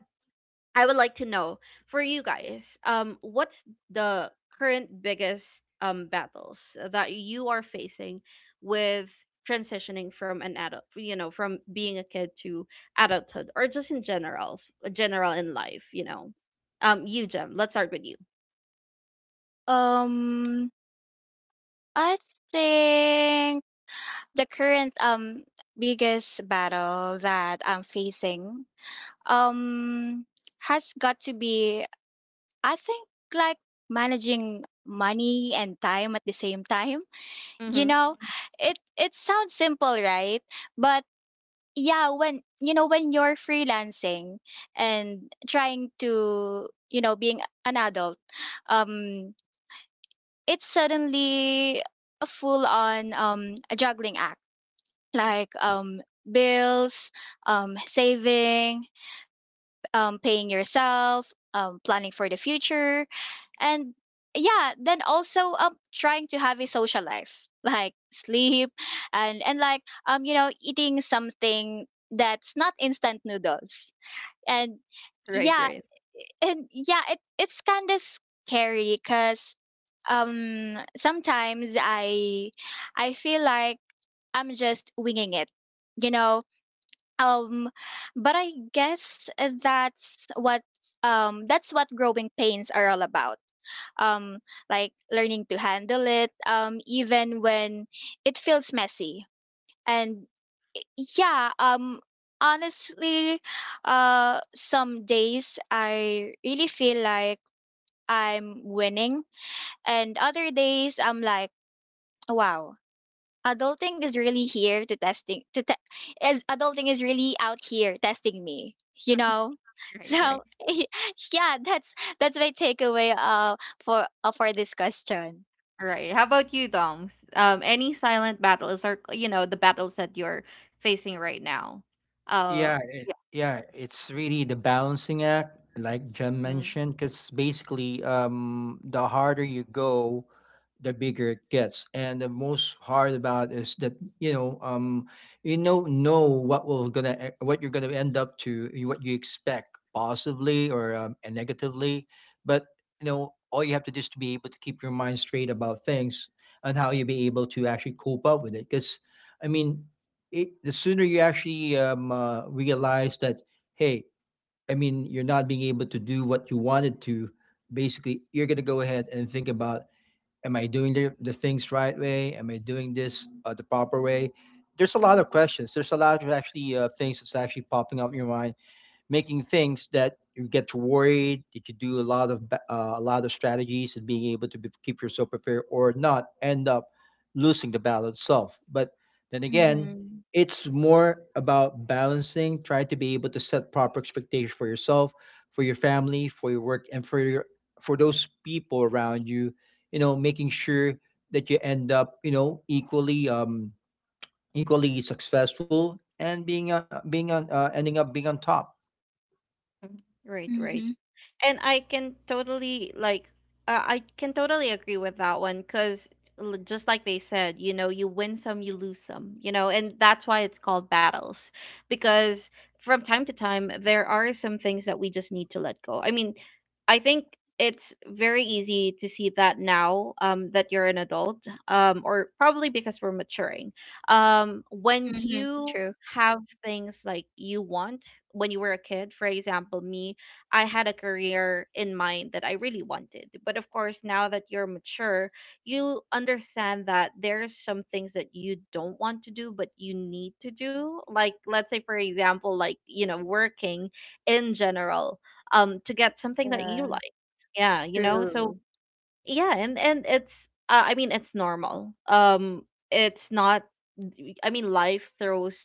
Speaker 1: I would like to know, for you guys, what's the current biggest battles that you are facing with transitioning from an adult, you know, from being a kid to adulthood, or just in general, general in life, you know? You, Jem. Let's start with you.
Speaker 3: Um, I think the current, biggest battle that I'm facing, um has got to be, I think, like, managing money and time at the same time. You
Speaker 1: Mm-hmm.
Speaker 3: know, it sounds simple, right? But yeah, when you're freelancing and trying to being an adult, um it's suddenly a full on a juggling act, like bills, saving, paying yourself, planning for the future, and yeah, then also trying to have a social life, [LAUGHS] like sleep, and like eating something that's not instant noodles, and
Speaker 1: Right,
Speaker 3: yeah,
Speaker 1: right,
Speaker 3: and yeah, it's kind of scary because sometimes I feel like I'm just winging it, you know, um, but I guess that's what that's what growing pains are all about. Um, like learning to handle it, even when it feels messy. And yeah, honestly, some days I really feel like I'm winning, and other days I'm like, wow, adulting is really here to testing to te- is adulting is really out here testing me you know
Speaker 1: right, right,
Speaker 3: so [LAUGHS] yeah, that's my takeaway for this question.
Speaker 1: right. How about you, Dom? Any silent battles, or, you know, the battles that you're facing right now? Uh,
Speaker 2: Yeah, it,
Speaker 1: yeah.
Speaker 2: yeah, it's really the balancing act, like Jem
Speaker 1: Mm-hmm.
Speaker 2: mentioned, because basically, the harder you go, the bigger it gets, and the most hard about is that you know, um, you know what will gonna what you're gonna end up to, what you expect positively or and negatively, but you know, all you have to do is to be able to keep your mind straight about things and how you be able to actually cope up with it, because. I mean, it, the sooner you actually realize that, hey, I mean, you're not being able to do what you wanted to, basically, you're going to go ahead and think about, am I doing the things right way? Am I doing this the proper way? There's a lot of questions. There's a lot of actually things that's actually popping up in your mind, making things that you get worried, that you could do a lot of a lot of strategies and being able to be, keep yourself prepared or not end up losing the battle itself, but then again,
Speaker 3: Mhm.
Speaker 2: it's more about balancing, trying to be able to set proper expectations for yourself, for your family, for your work, and for your, for those people around you, you know, making sure that you end up, you know, equally equally successful and being being on ending up being on top.
Speaker 1: Right, right.
Speaker 3: Mhm.
Speaker 1: And I can totally like, I can totally agree with that one because, just like they said, you know, you win some, you lose some, you know, and that's why it's called battles, because from time to time there are some things that we just need to let go. I mean, I think it's very easy to see that now, that you're an adult, or probably because we're maturing. When
Speaker 3: Mhm.
Speaker 1: you
Speaker 3: True.
Speaker 1: have things like you want when you were a kid, for example, me, I had a career in mind that I really wanted. But of course, now that you're mature, you understand that there are some things that you don't want to do, but you need to do. Like, let's say, for example, like, working in general to get something that you
Speaker 3: Yeah.
Speaker 1: like, yeah,
Speaker 3: True.
Speaker 1: yeah. And it's I mean it's normal, it's not, I mean life throws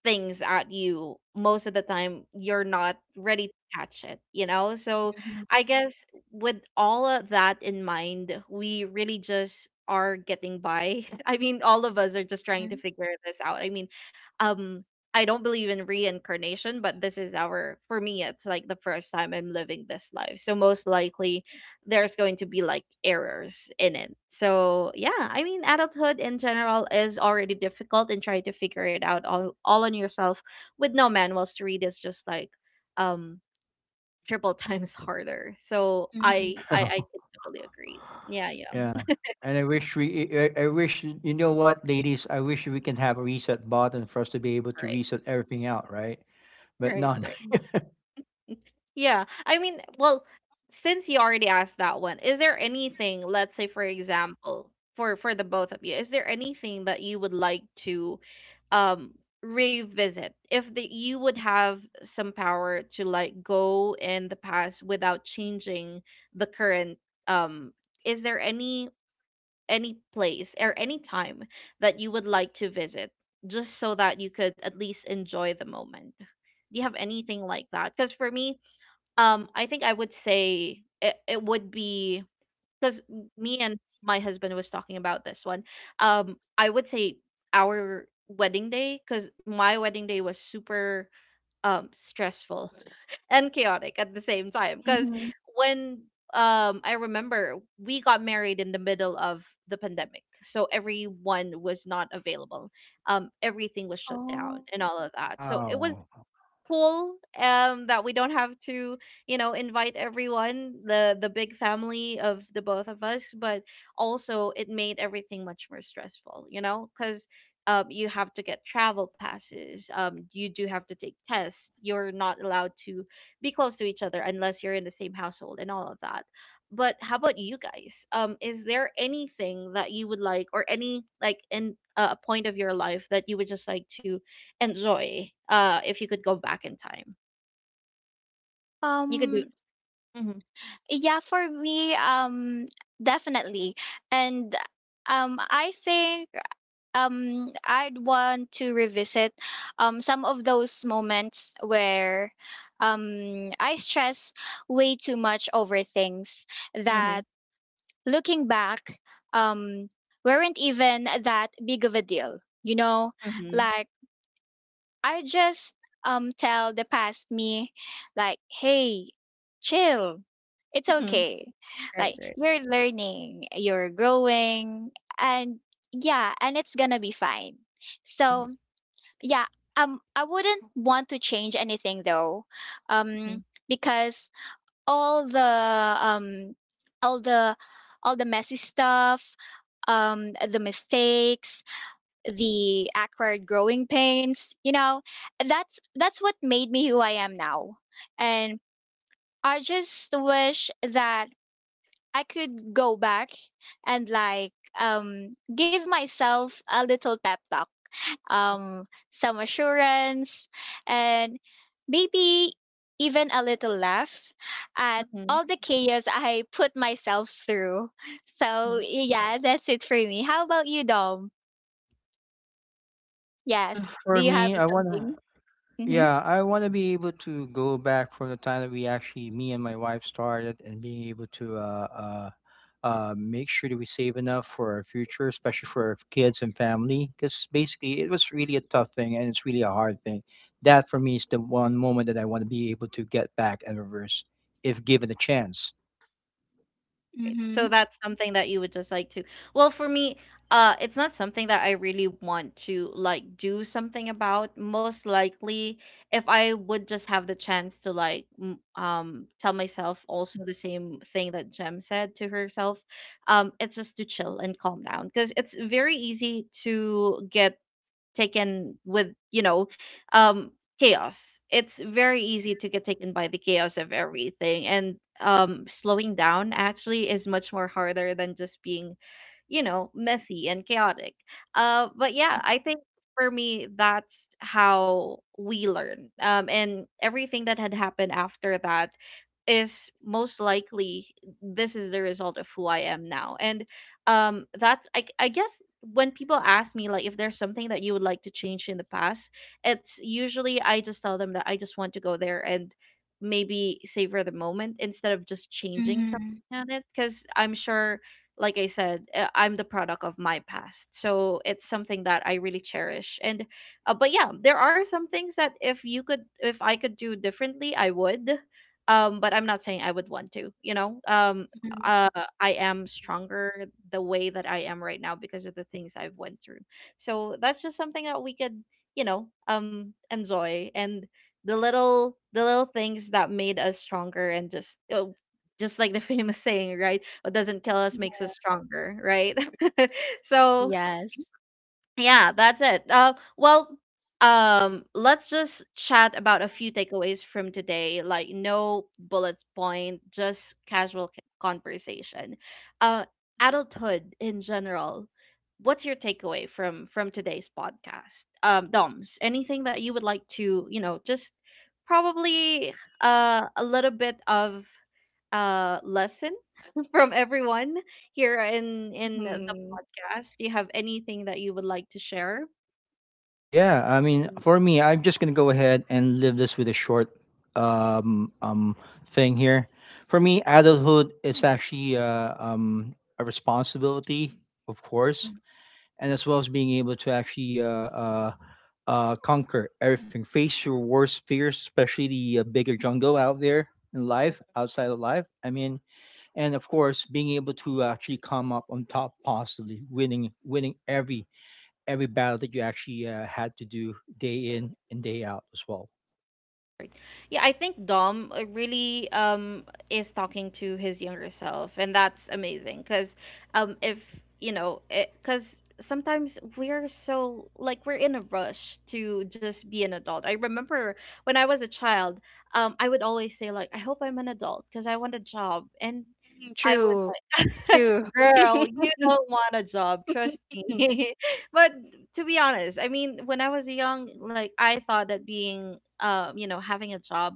Speaker 1: things at you. Most of the time you're not ready to catch it so
Speaker 3: Mm-hmm.
Speaker 1: I guess, with all of that in mind, we really just are getting by [LAUGHS] I mean, all of us are just trying to figure this out. I mean, um I don't believe in reincarnation, but this is our for me it's like the first time I'm living this life, so most likely there's going to be like errors in it. So yeah, I mean adulthood in general is already difficult, and trying to figure it out all on yourself with no manuals to read is just like um triple [LAUGHS] times harder. So
Speaker 3: Mm-hmm.
Speaker 1: I I,
Speaker 2: [LAUGHS]
Speaker 1: I totally agree. Yeah, yeah.
Speaker 2: Yeah. And I wish we, I wish, you know what, ladies, I wish we can have a reset button for us to be able to
Speaker 1: Right.
Speaker 2: reset everything out, right? But
Speaker 1: Right,
Speaker 2: no.
Speaker 1: right.
Speaker 2: [LAUGHS]
Speaker 1: Yeah. I mean, well, since you already asked that one, is there anything, let's say for example, for the both of you, is there anything that you would like to um revisit if you would have some power to like go in the past without changing the current, um is there any place or any time that you would like to visit, just so that you could at least enjoy the moment? Do you have anything like that? Because for me, I think I would say it would be, because me and my husband was talking about this one. I would say our wedding day, because my wedding day was super, stressful [LAUGHS] and chaotic at the same time. Because
Speaker 3: Mm-hmm.
Speaker 1: when, I remember we got married in the middle of the pandemic, so everyone was not available. Everything was shut down
Speaker 3: Oh.
Speaker 1: and all of that. So it was
Speaker 2: Oh.
Speaker 1: cool that we don't have to, invite everyone, the big family of the both of us. But also it made everything much more stressful, because you have to get travel passes, you do have to take tests, you're not allowed to be close to each other unless you're in the same household, and all of that. But how about you guys, is there anything that you would like, or any like in a point of your life that you would just like to enjoy, if you could go back in time you could do.
Speaker 3: Um.
Speaker 1: Mm-hmm,
Speaker 3: Yeah. For me. Definitely. And. I think. I'd want to revisit some of those moments where I stress way too much over things
Speaker 1: mm-hmm,
Speaker 3: that, looking back, um weren't even that big of a deal. You know,
Speaker 1: mm-hmm,
Speaker 3: like I just tell the past me like, "Hey, chill. It's
Speaker 1: mm-hmm.
Speaker 3: okay.
Speaker 1: Right,
Speaker 3: Like
Speaker 1: right.
Speaker 3: you're learning, you're growing, and yeah, and it's going to be fine."
Speaker 1: Mm-hmm,
Speaker 3: So, yeah, I wouldn't want to change anything though. Um because all the um all the all the messy stuff, the mistakes, the awkward growing pains, you know, that's what made me who I am now. And I just wish that I could go back and like give myself a little pep talk, um some assurance, and maybe even a little laugh at
Speaker 1: mm-hmm,
Speaker 3: all the chaos I put myself through.
Speaker 1: mm-hmm.
Speaker 3: So yeah, that's it for me. How about you, Dom? Yes,
Speaker 2: Well,
Speaker 3: do
Speaker 2: for
Speaker 3: you have
Speaker 2: me, I want to,
Speaker 3: something? Mhm.
Speaker 2: yeah, I want to be able to go back from the time that we actually, me and my wife started, and being able to make sure that we save enough for our future, especially for our kids and family. Because basically, it was really a tough thing, and it's really a hard thing. That for me is the one moment that I want to be able to get back and reverse, if given a chance.
Speaker 1: So
Speaker 3: Mhm,
Speaker 1: that's something that you would just like to. Well, for me, it's not something that I really want to like do something about. Most likely, if I would just have the chance to like tell myself also the same thing that Jem said to herself. It's just to chill and calm down, because it's very easy to get taken with, um chaos. It's very easy to get taken by the chaos of everything. And slowing down actually is much more harder than just being, messy and chaotic. But yeah, I think for me, that's how we learn. And everything that had happened after that is, most likely, this is the result of who I am now. And that's, I guess, when people ask me like if there's something that you would like to change in the past, it's usually I just tell them that I just want to go there and maybe savor the moment instead of just changing
Speaker 3: mhm,
Speaker 1: something on it, because I'm sure, like I said, I'm the product of my past. So it's something that I really cherish. And but yeah, there are some things that if I could do differently, I would. But I'm not saying I would want to, you know.
Speaker 3: mhm.
Speaker 1: Uh I am stronger the way that I am right now because of the things I've went through. So that's just something that we could, enjoy, and the little things that made us stronger, and uh, just like the [LAUGHS] famous saying, right? What doesn't kill us
Speaker 3: Yeah.
Speaker 1: makes us stronger, right? [LAUGHS] So
Speaker 3: Yes.
Speaker 1: yeah, that's it. Well, let's just chat about a few takeaways from today. Like no bullet point, just casual conversation. Uh, adulthood in general. What's your takeaway from today's podcast? Doms, anything that you would like to, just probably a little bit of lesson [LAUGHS] from everyone here in the
Speaker 3: Mhm.
Speaker 1: podcast. Do you have anything that you would like to share?
Speaker 2: Yeah, I mean,
Speaker 3: Mm.
Speaker 2: for me, I'm just gonna go ahead and leave this with a short um um thing here. For me, adulthood is actually a responsibility, of course, and as well as being able to actually conquer everything, face your worst fears, especially the bigger jungle out there in life, outside of life. I mean, and of course, being able to actually come up on top positively, winning every battle that you actually had to do day in and day out as well.
Speaker 1: Right. Yeah, I think Dom really is talking to his younger self, and that's amazing. Cause if you know, eh, cause sometimes we're so like we're in a rush to just be an adult. I remember when I was a child, I would always say like, I hope I'm an adult, cause I want a job. And
Speaker 3: Mm,
Speaker 1: I was
Speaker 3: true,
Speaker 1: like,
Speaker 3: true.
Speaker 1: [LAUGHS] girl, you don't want a job, trust
Speaker 3: [LAUGHS] Mm.
Speaker 1: me. [LAUGHS] But to be honest, I mean, when I was young, like I thought that having a job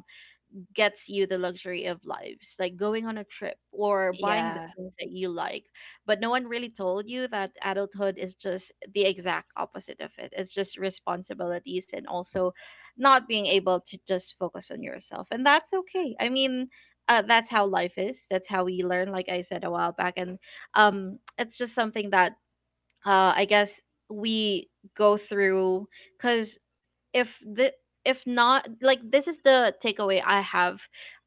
Speaker 1: gets you the luxury of lives, like going on a trip or buying the
Speaker 3: Yeah.
Speaker 1: things that you like. But no one really told you that adulthood is just the exact opposite of it. It's just responsibilities, and also not being able to just focus on yourself, and that's okay. I mean. That's how life is. That's how we learn, like I said a while back. And it's just something that I guess we go through, because if the if not, like, this is the takeaway I have.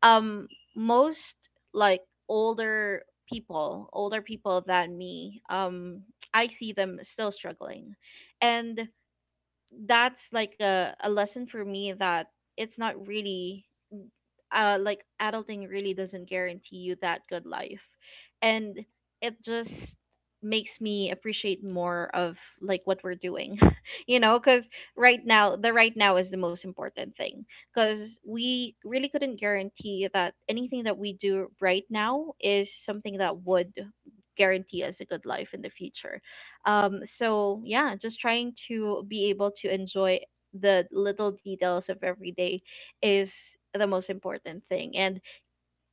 Speaker 1: Um, most like older older people than me, I see them still struggling, and that's like a lesson for me that it's not really like adulting really doesn't guarantee you that good life. And it just makes me appreciate more of like what we're doing [LAUGHS] because right now, the right now is the most important thing, because we really couldn't guarantee that anything that we do right now is something that would guarantee us a good life in the future. So yeah, just trying to be able to enjoy the little details of every day is the most important thing. And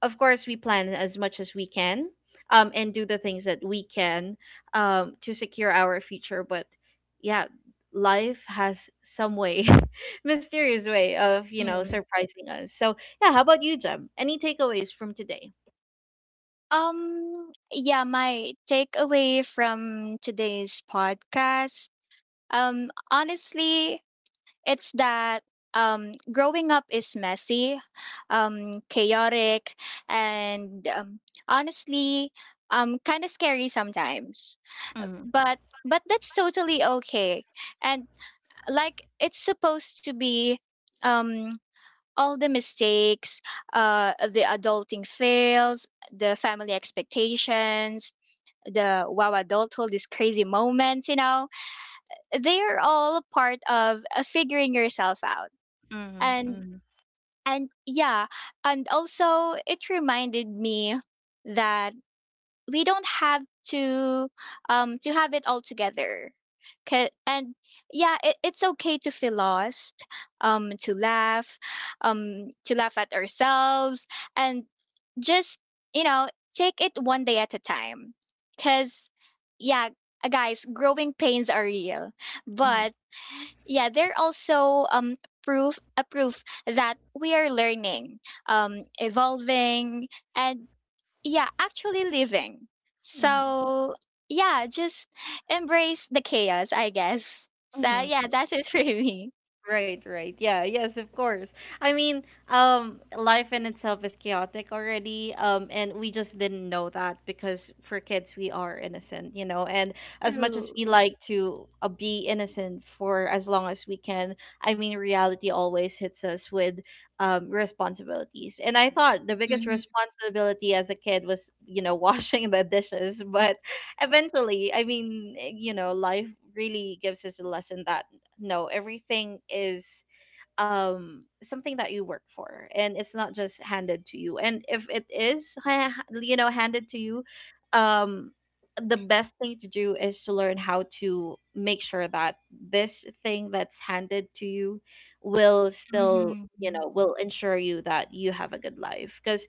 Speaker 1: of course, we plan as much as we can, and do the things that we can, to secure our future. But yeah, life has some way, [LAUGHS] mysterious way of
Speaker 3: Mm.
Speaker 1: surprising us. So yeah, how about you, Jem? Any takeaways from today?
Speaker 3: Yeah, my takeaway from today's podcast, honestly, it's that growing up is messy, chaotic, and honestly, kind of scary sometimes.
Speaker 1: Mm-hmm.
Speaker 3: But but that's totally okay. And like it's supposed to be, um, all the mistakes, the adulting fails, the family expectations, the wow adulthood, these crazy moments. You know, they are all part of figuring yourself out. and
Speaker 1: Mm-hmm.
Speaker 3: and yeah, and also it reminded me that we don't have to to have it all together. And yeah, it's okay to feel lost, to laugh, to laugh at ourselves, and just, you know, take it one day at a time, because yeah, guys, growing pains are real.
Speaker 1: Mm-hmm.
Speaker 3: But yeah, they're also proof that we are learning, evolving, and yeah, actually living.
Speaker 1: Mm-hmm.
Speaker 3: So yeah, just embrace the chaos, I guess. So yeah,
Speaker 1: Mm-hmm.
Speaker 3: that's it for [LAUGHS] me.
Speaker 1: Right, right. Yeah, yes, of course. I mean, life in itself is chaotic already, and we just didn't know that because for kids we are innocent, you know. And as much as
Speaker 3: True.
Speaker 1: we like to be innocent for as long as we can, I mean, reality always hits us with responsibilities. And I thought the biggest
Speaker 3: Mm-hmm.
Speaker 1: responsibility as a kid was, [LAUGHS] washing the dishes. But eventually, I mean, life really gives us a lesson that no, everything is um something that you work for, and it's not just handed to you. And if it is handed to you, um the best thing to do is to learn how to make sure that this thing that's handed to you will still,
Speaker 3: Mm-hmm.
Speaker 1: will ensure you that you have a good life, because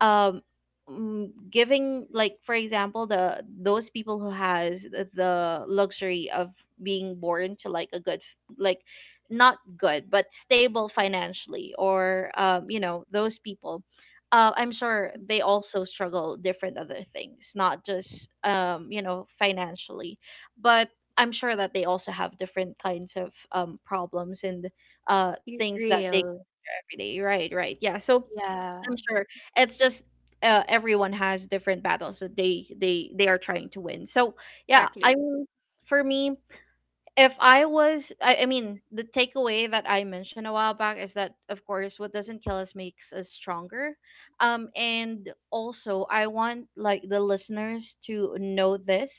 Speaker 1: um mm, giving like for example the those people who has the luxury of being born to like a good, like not good but stable financially, or those people, I'm sure they also struggle different other things, not just financially. But I'm sure that they also have different kinds of problems and things that they go
Speaker 3: Real.
Speaker 1: through every day, right, right, yeah. So I'm
Speaker 3: Yeah.
Speaker 1: sure it's just, everyone has different battles that they are trying to win. So yeah, I
Speaker 3: Exactly.
Speaker 1: am for me. If I was, I mean, the takeaway that I mentioned a while back is that, of course, what doesn't kill us makes us stronger. And also, I want like the listeners to know this.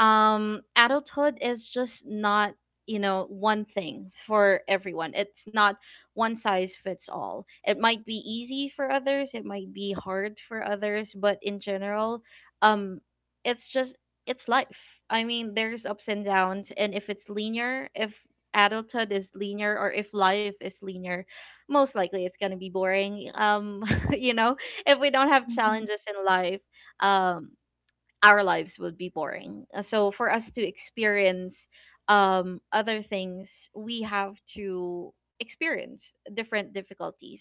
Speaker 1: Adulthood is just not, one thing for everyone. It's not one size fits all. It might be easy for others, it might be hard for others, but in general, um, it's just it's life. I mean, there's ups and downs, and if adulthood is linear, or if life is linear, most likely it's gonna be boring. [LAUGHS] You know, if we don't have
Speaker 3: Mm-hmm.
Speaker 1: challenges in life, um, our lives would be boring. So for us to experience other things, we have to experience different difficulties.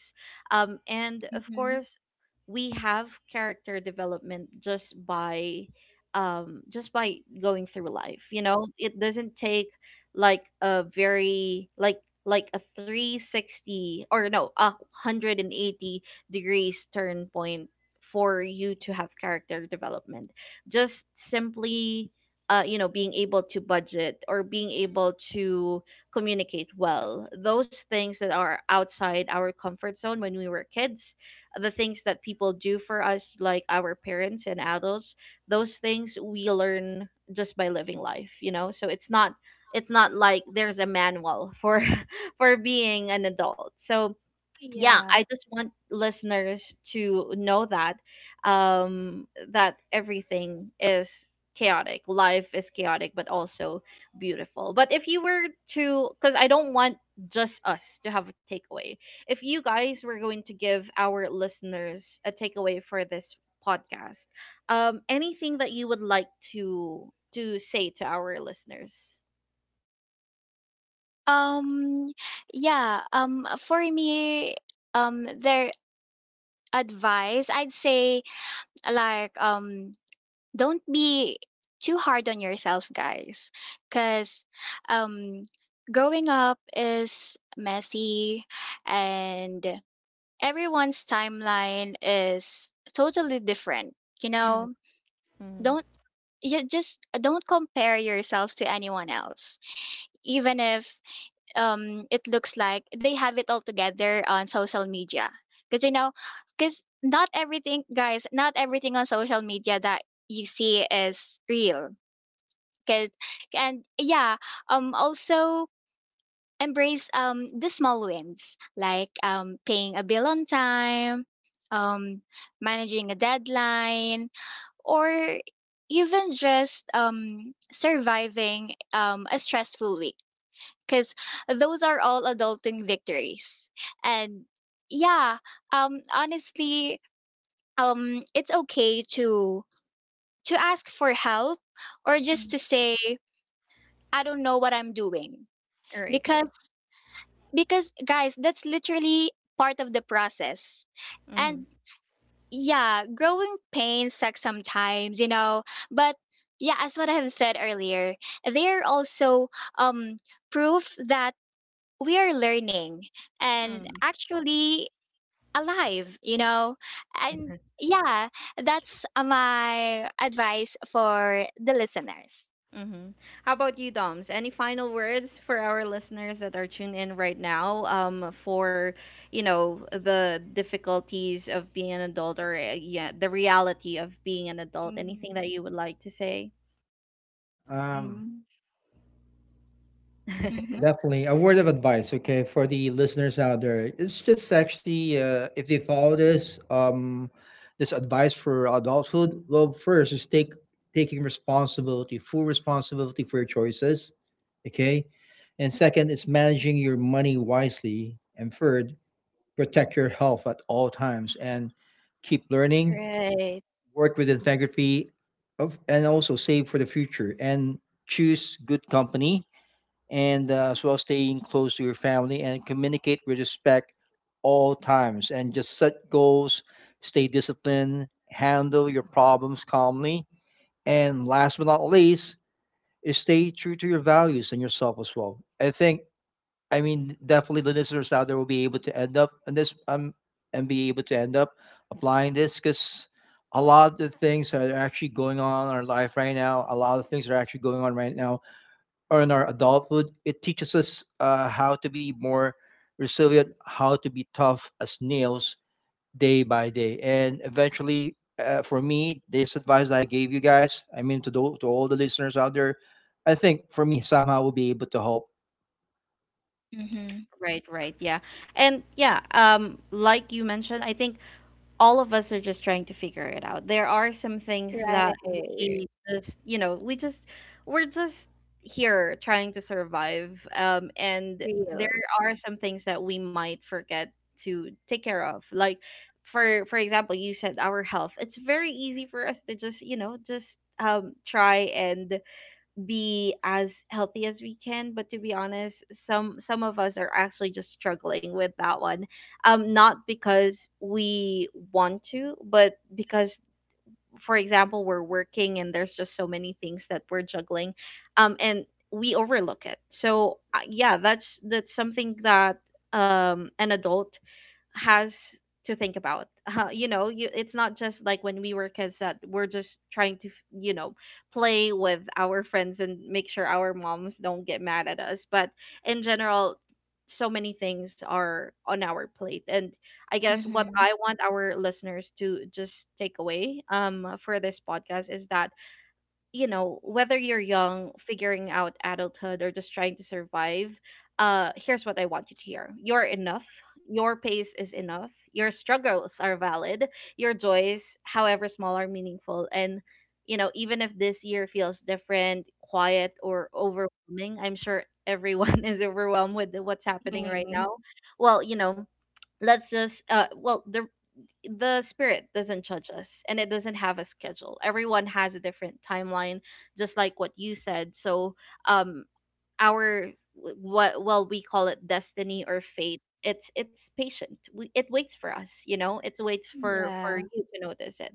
Speaker 1: And of
Speaker 3: Mm-hmm.
Speaker 1: course, we have character development just by, just by going through life. You know, it doesn't take like a very like like a 360, or no, a 180 degrees turn point for you to have character development, just simply being able to budget or being able to communicate well, those things that are outside our comfort zone when we were kids, the things that people do for us like our parents and adults, those things we learn just by living life, so it's not like there's a manual for [LAUGHS] for being an adult, so yeah,
Speaker 3: Yeah.
Speaker 1: I just want listeners to know that um that everything is chaotic, life is chaotic but also beautiful. But if you were to, because I don't want just us to have a takeaway, if you guys were going to give our listeners a takeaway for this podcast, um, anything that you would like to to say to our listeners.
Speaker 3: Um, yeah, for me, their advice, I'd say like don't be too hard on yourself, guys, because um, growing up is messy, and everyone's timeline is totally different. You
Speaker 1: Mm,
Speaker 3: know,
Speaker 1: mm,
Speaker 3: don't you just don't compare yourself to anyone else, even if it looks like they have it all together on social media. Because, you know, because not everything, guys, not everything on social media that you see is real. 'Cause And yeah, also embrace the small wins, like paying a bill on time, um managing a deadline, or even just surviving a stressful week, because those are all adulting victories. And yeah, honestly, it's okay to ask for help, or
Speaker 1: mm.
Speaker 3: just to say I don't know what I'm doing,
Speaker 1: Right,
Speaker 3: because
Speaker 1: right.
Speaker 3: because guys, that's literally part of the process. And yeah, growing pains suck sometimes, you know, but yeah, as what I have said earlier, they are also um proof that we are learning and
Speaker 1: Mm-hmm.
Speaker 3: actually alive, you know. And
Speaker 1: Mm.
Speaker 3: yeah, that's my advice for the listeners.
Speaker 1: Mm-hmm. How about you, Doms? Any final words for our listeners that are tuned in right now, for, you know, the difficulties of being an adult, or, yeah, the reality of being an adult? Anything
Speaker 3: Mhm.
Speaker 1: that you would like to say?
Speaker 2: Um,
Speaker 3: Mm-hmm.
Speaker 1: [LAUGHS]
Speaker 2: Definitely. A word of advice, okay, for the listeners out there. It's just actually, if they follow this, this advice for adulthood. Well, first is take taking responsibility, full responsibility for your choices, okay. And second is managing your money wisely. And third, protect your health at all times and keep learning,
Speaker 3: Right.
Speaker 2: work with integrity of, and also save for the future, and choose good company, and, as well, staying close to your family, and communicate with respect all times, and just set goals, stay disciplined, handle your problems calmly, and last but not least is stay true to your values and yourself as well. I think, I mean, definitely the listeners out there will be able to end up and this and be able to end up applying this, because a lot of the things that are actually going on in our life right now, a lot of things that are actually going on right now are in our adulthood. It teaches us how to be more resilient, how to be tough as nails day by day, and eventually. For me, this advice that I gave you guys, I mean to, to all the listeners out there, I think for me somehow will be able to help.
Speaker 3: Mm-hmm.
Speaker 1: Right, right, yeah. And yeah, like you mentioned, I think all of us are just trying to figure it out. There are some things that
Speaker 3: Right.
Speaker 1: we just, you know, we just, we're just here trying to survive. And there
Speaker 3: Real.
Speaker 1: are some things that we might forget to take care of. Like, for example, you said our health. It's very easy for us to just, you know, just try and be as healthy as we can, but to be honest, some of us are actually just struggling with that one, um, not because we want to, but because, for example, we're working and there's just so many things that we're juggling, um, and we overlook it. So yeah, that's something that an adult has to think about. You know, you, it's not just like when we were kids that we're just trying to, you know, play with our friends and make sure our moms don't get mad at us. But in general, so many things are on our plate. And I guess what
Speaker 3: Mhm.
Speaker 1: I want our listeners to just take away, for this podcast is that, you know, whether you're young, figuring out adulthood, or just trying to survive, here's what I want you to hear. You're enough. Your pace is enough. Your struggles are valid. Your joys, however small, are meaningful. And, you know, even if this year feels different, quiet, or overwhelming, I'm sure everyone [LAUGHS] is overwhelmed with what's happening right
Speaker 3: Mhm.
Speaker 1: now. Well, you know, let's just, well, the spirit doesn't judge us and it doesn't have a schedule. Everyone has a different timeline, just like what you said. So um, our, what, well, we call it destiny or fate, it's patient. It waits for us, you know, it waits for
Speaker 3: Yeah.
Speaker 1: you to notice it.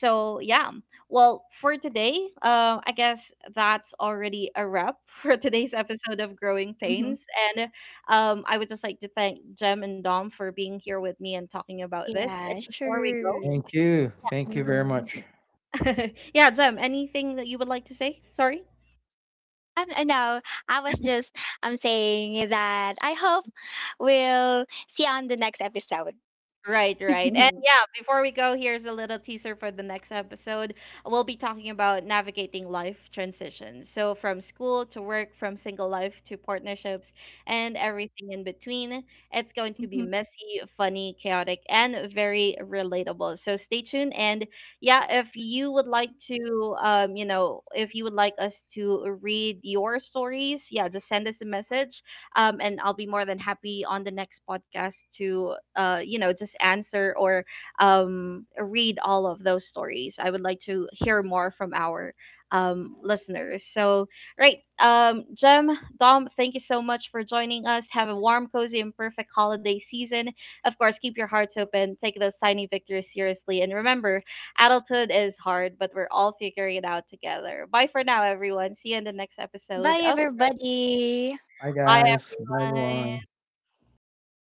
Speaker 1: So yeah, well, for today, I guess that's already a wrap [LAUGHS] for today's episode of Growing
Speaker 3: Mhm.
Speaker 1: Pains. And I would just like to thank Jem and Dom for being here with me and talking about this, and
Speaker 3: Yeah,
Speaker 1: before we go
Speaker 3: sure.
Speaker 2: Thank you. Thank you very
Speaker 3: Mhm.
Speaker 2: much.
Speaker 1: [LAUGHS] yeah, Jem, anything that you would like to say? Sorry.
Speaker 3: No, I was just, I'm saying that I hope we'll see you on the next episode.
Speaker 1: Right, right. And
Speaker 3: [LAUGHS]
Speaker 1: yeah, before we go, here's a little teaser for the next episode. We'll be talking about navigating life transitions. So, from school to work, from single life to partnerships, and everything in between. It's going to be
Speaker 3: Mhm.
Speaker 1: messy, funny, chaotic, and very relatable. So, stay tuned. And yeah, if you would like to, you know, if you would like us to read your stories, yeah, just send us a message, and I'll be more than happy on the next podcast to you know, just answer or read all of those stories. I would like to hear more from our listeners. So right, Jem, Dom, thank you so much for joining us. Have a warm, cozy, and perfect holiday season. Of course, keep your hearts open, take those tiny victories seriously, and remember, adulthood is hard, but we're all figuring it out together. Bye for now, everyone. See you in the next episode
Speaker 3: Bye
Speaker 1: of
Speaker 3: everybody.
Speaker 2: Bye,
Speaker 1: Bye,
Speaker 2: guys. Bye, everyone.
Speaker 1: everyone.
Speaker 3: Bye.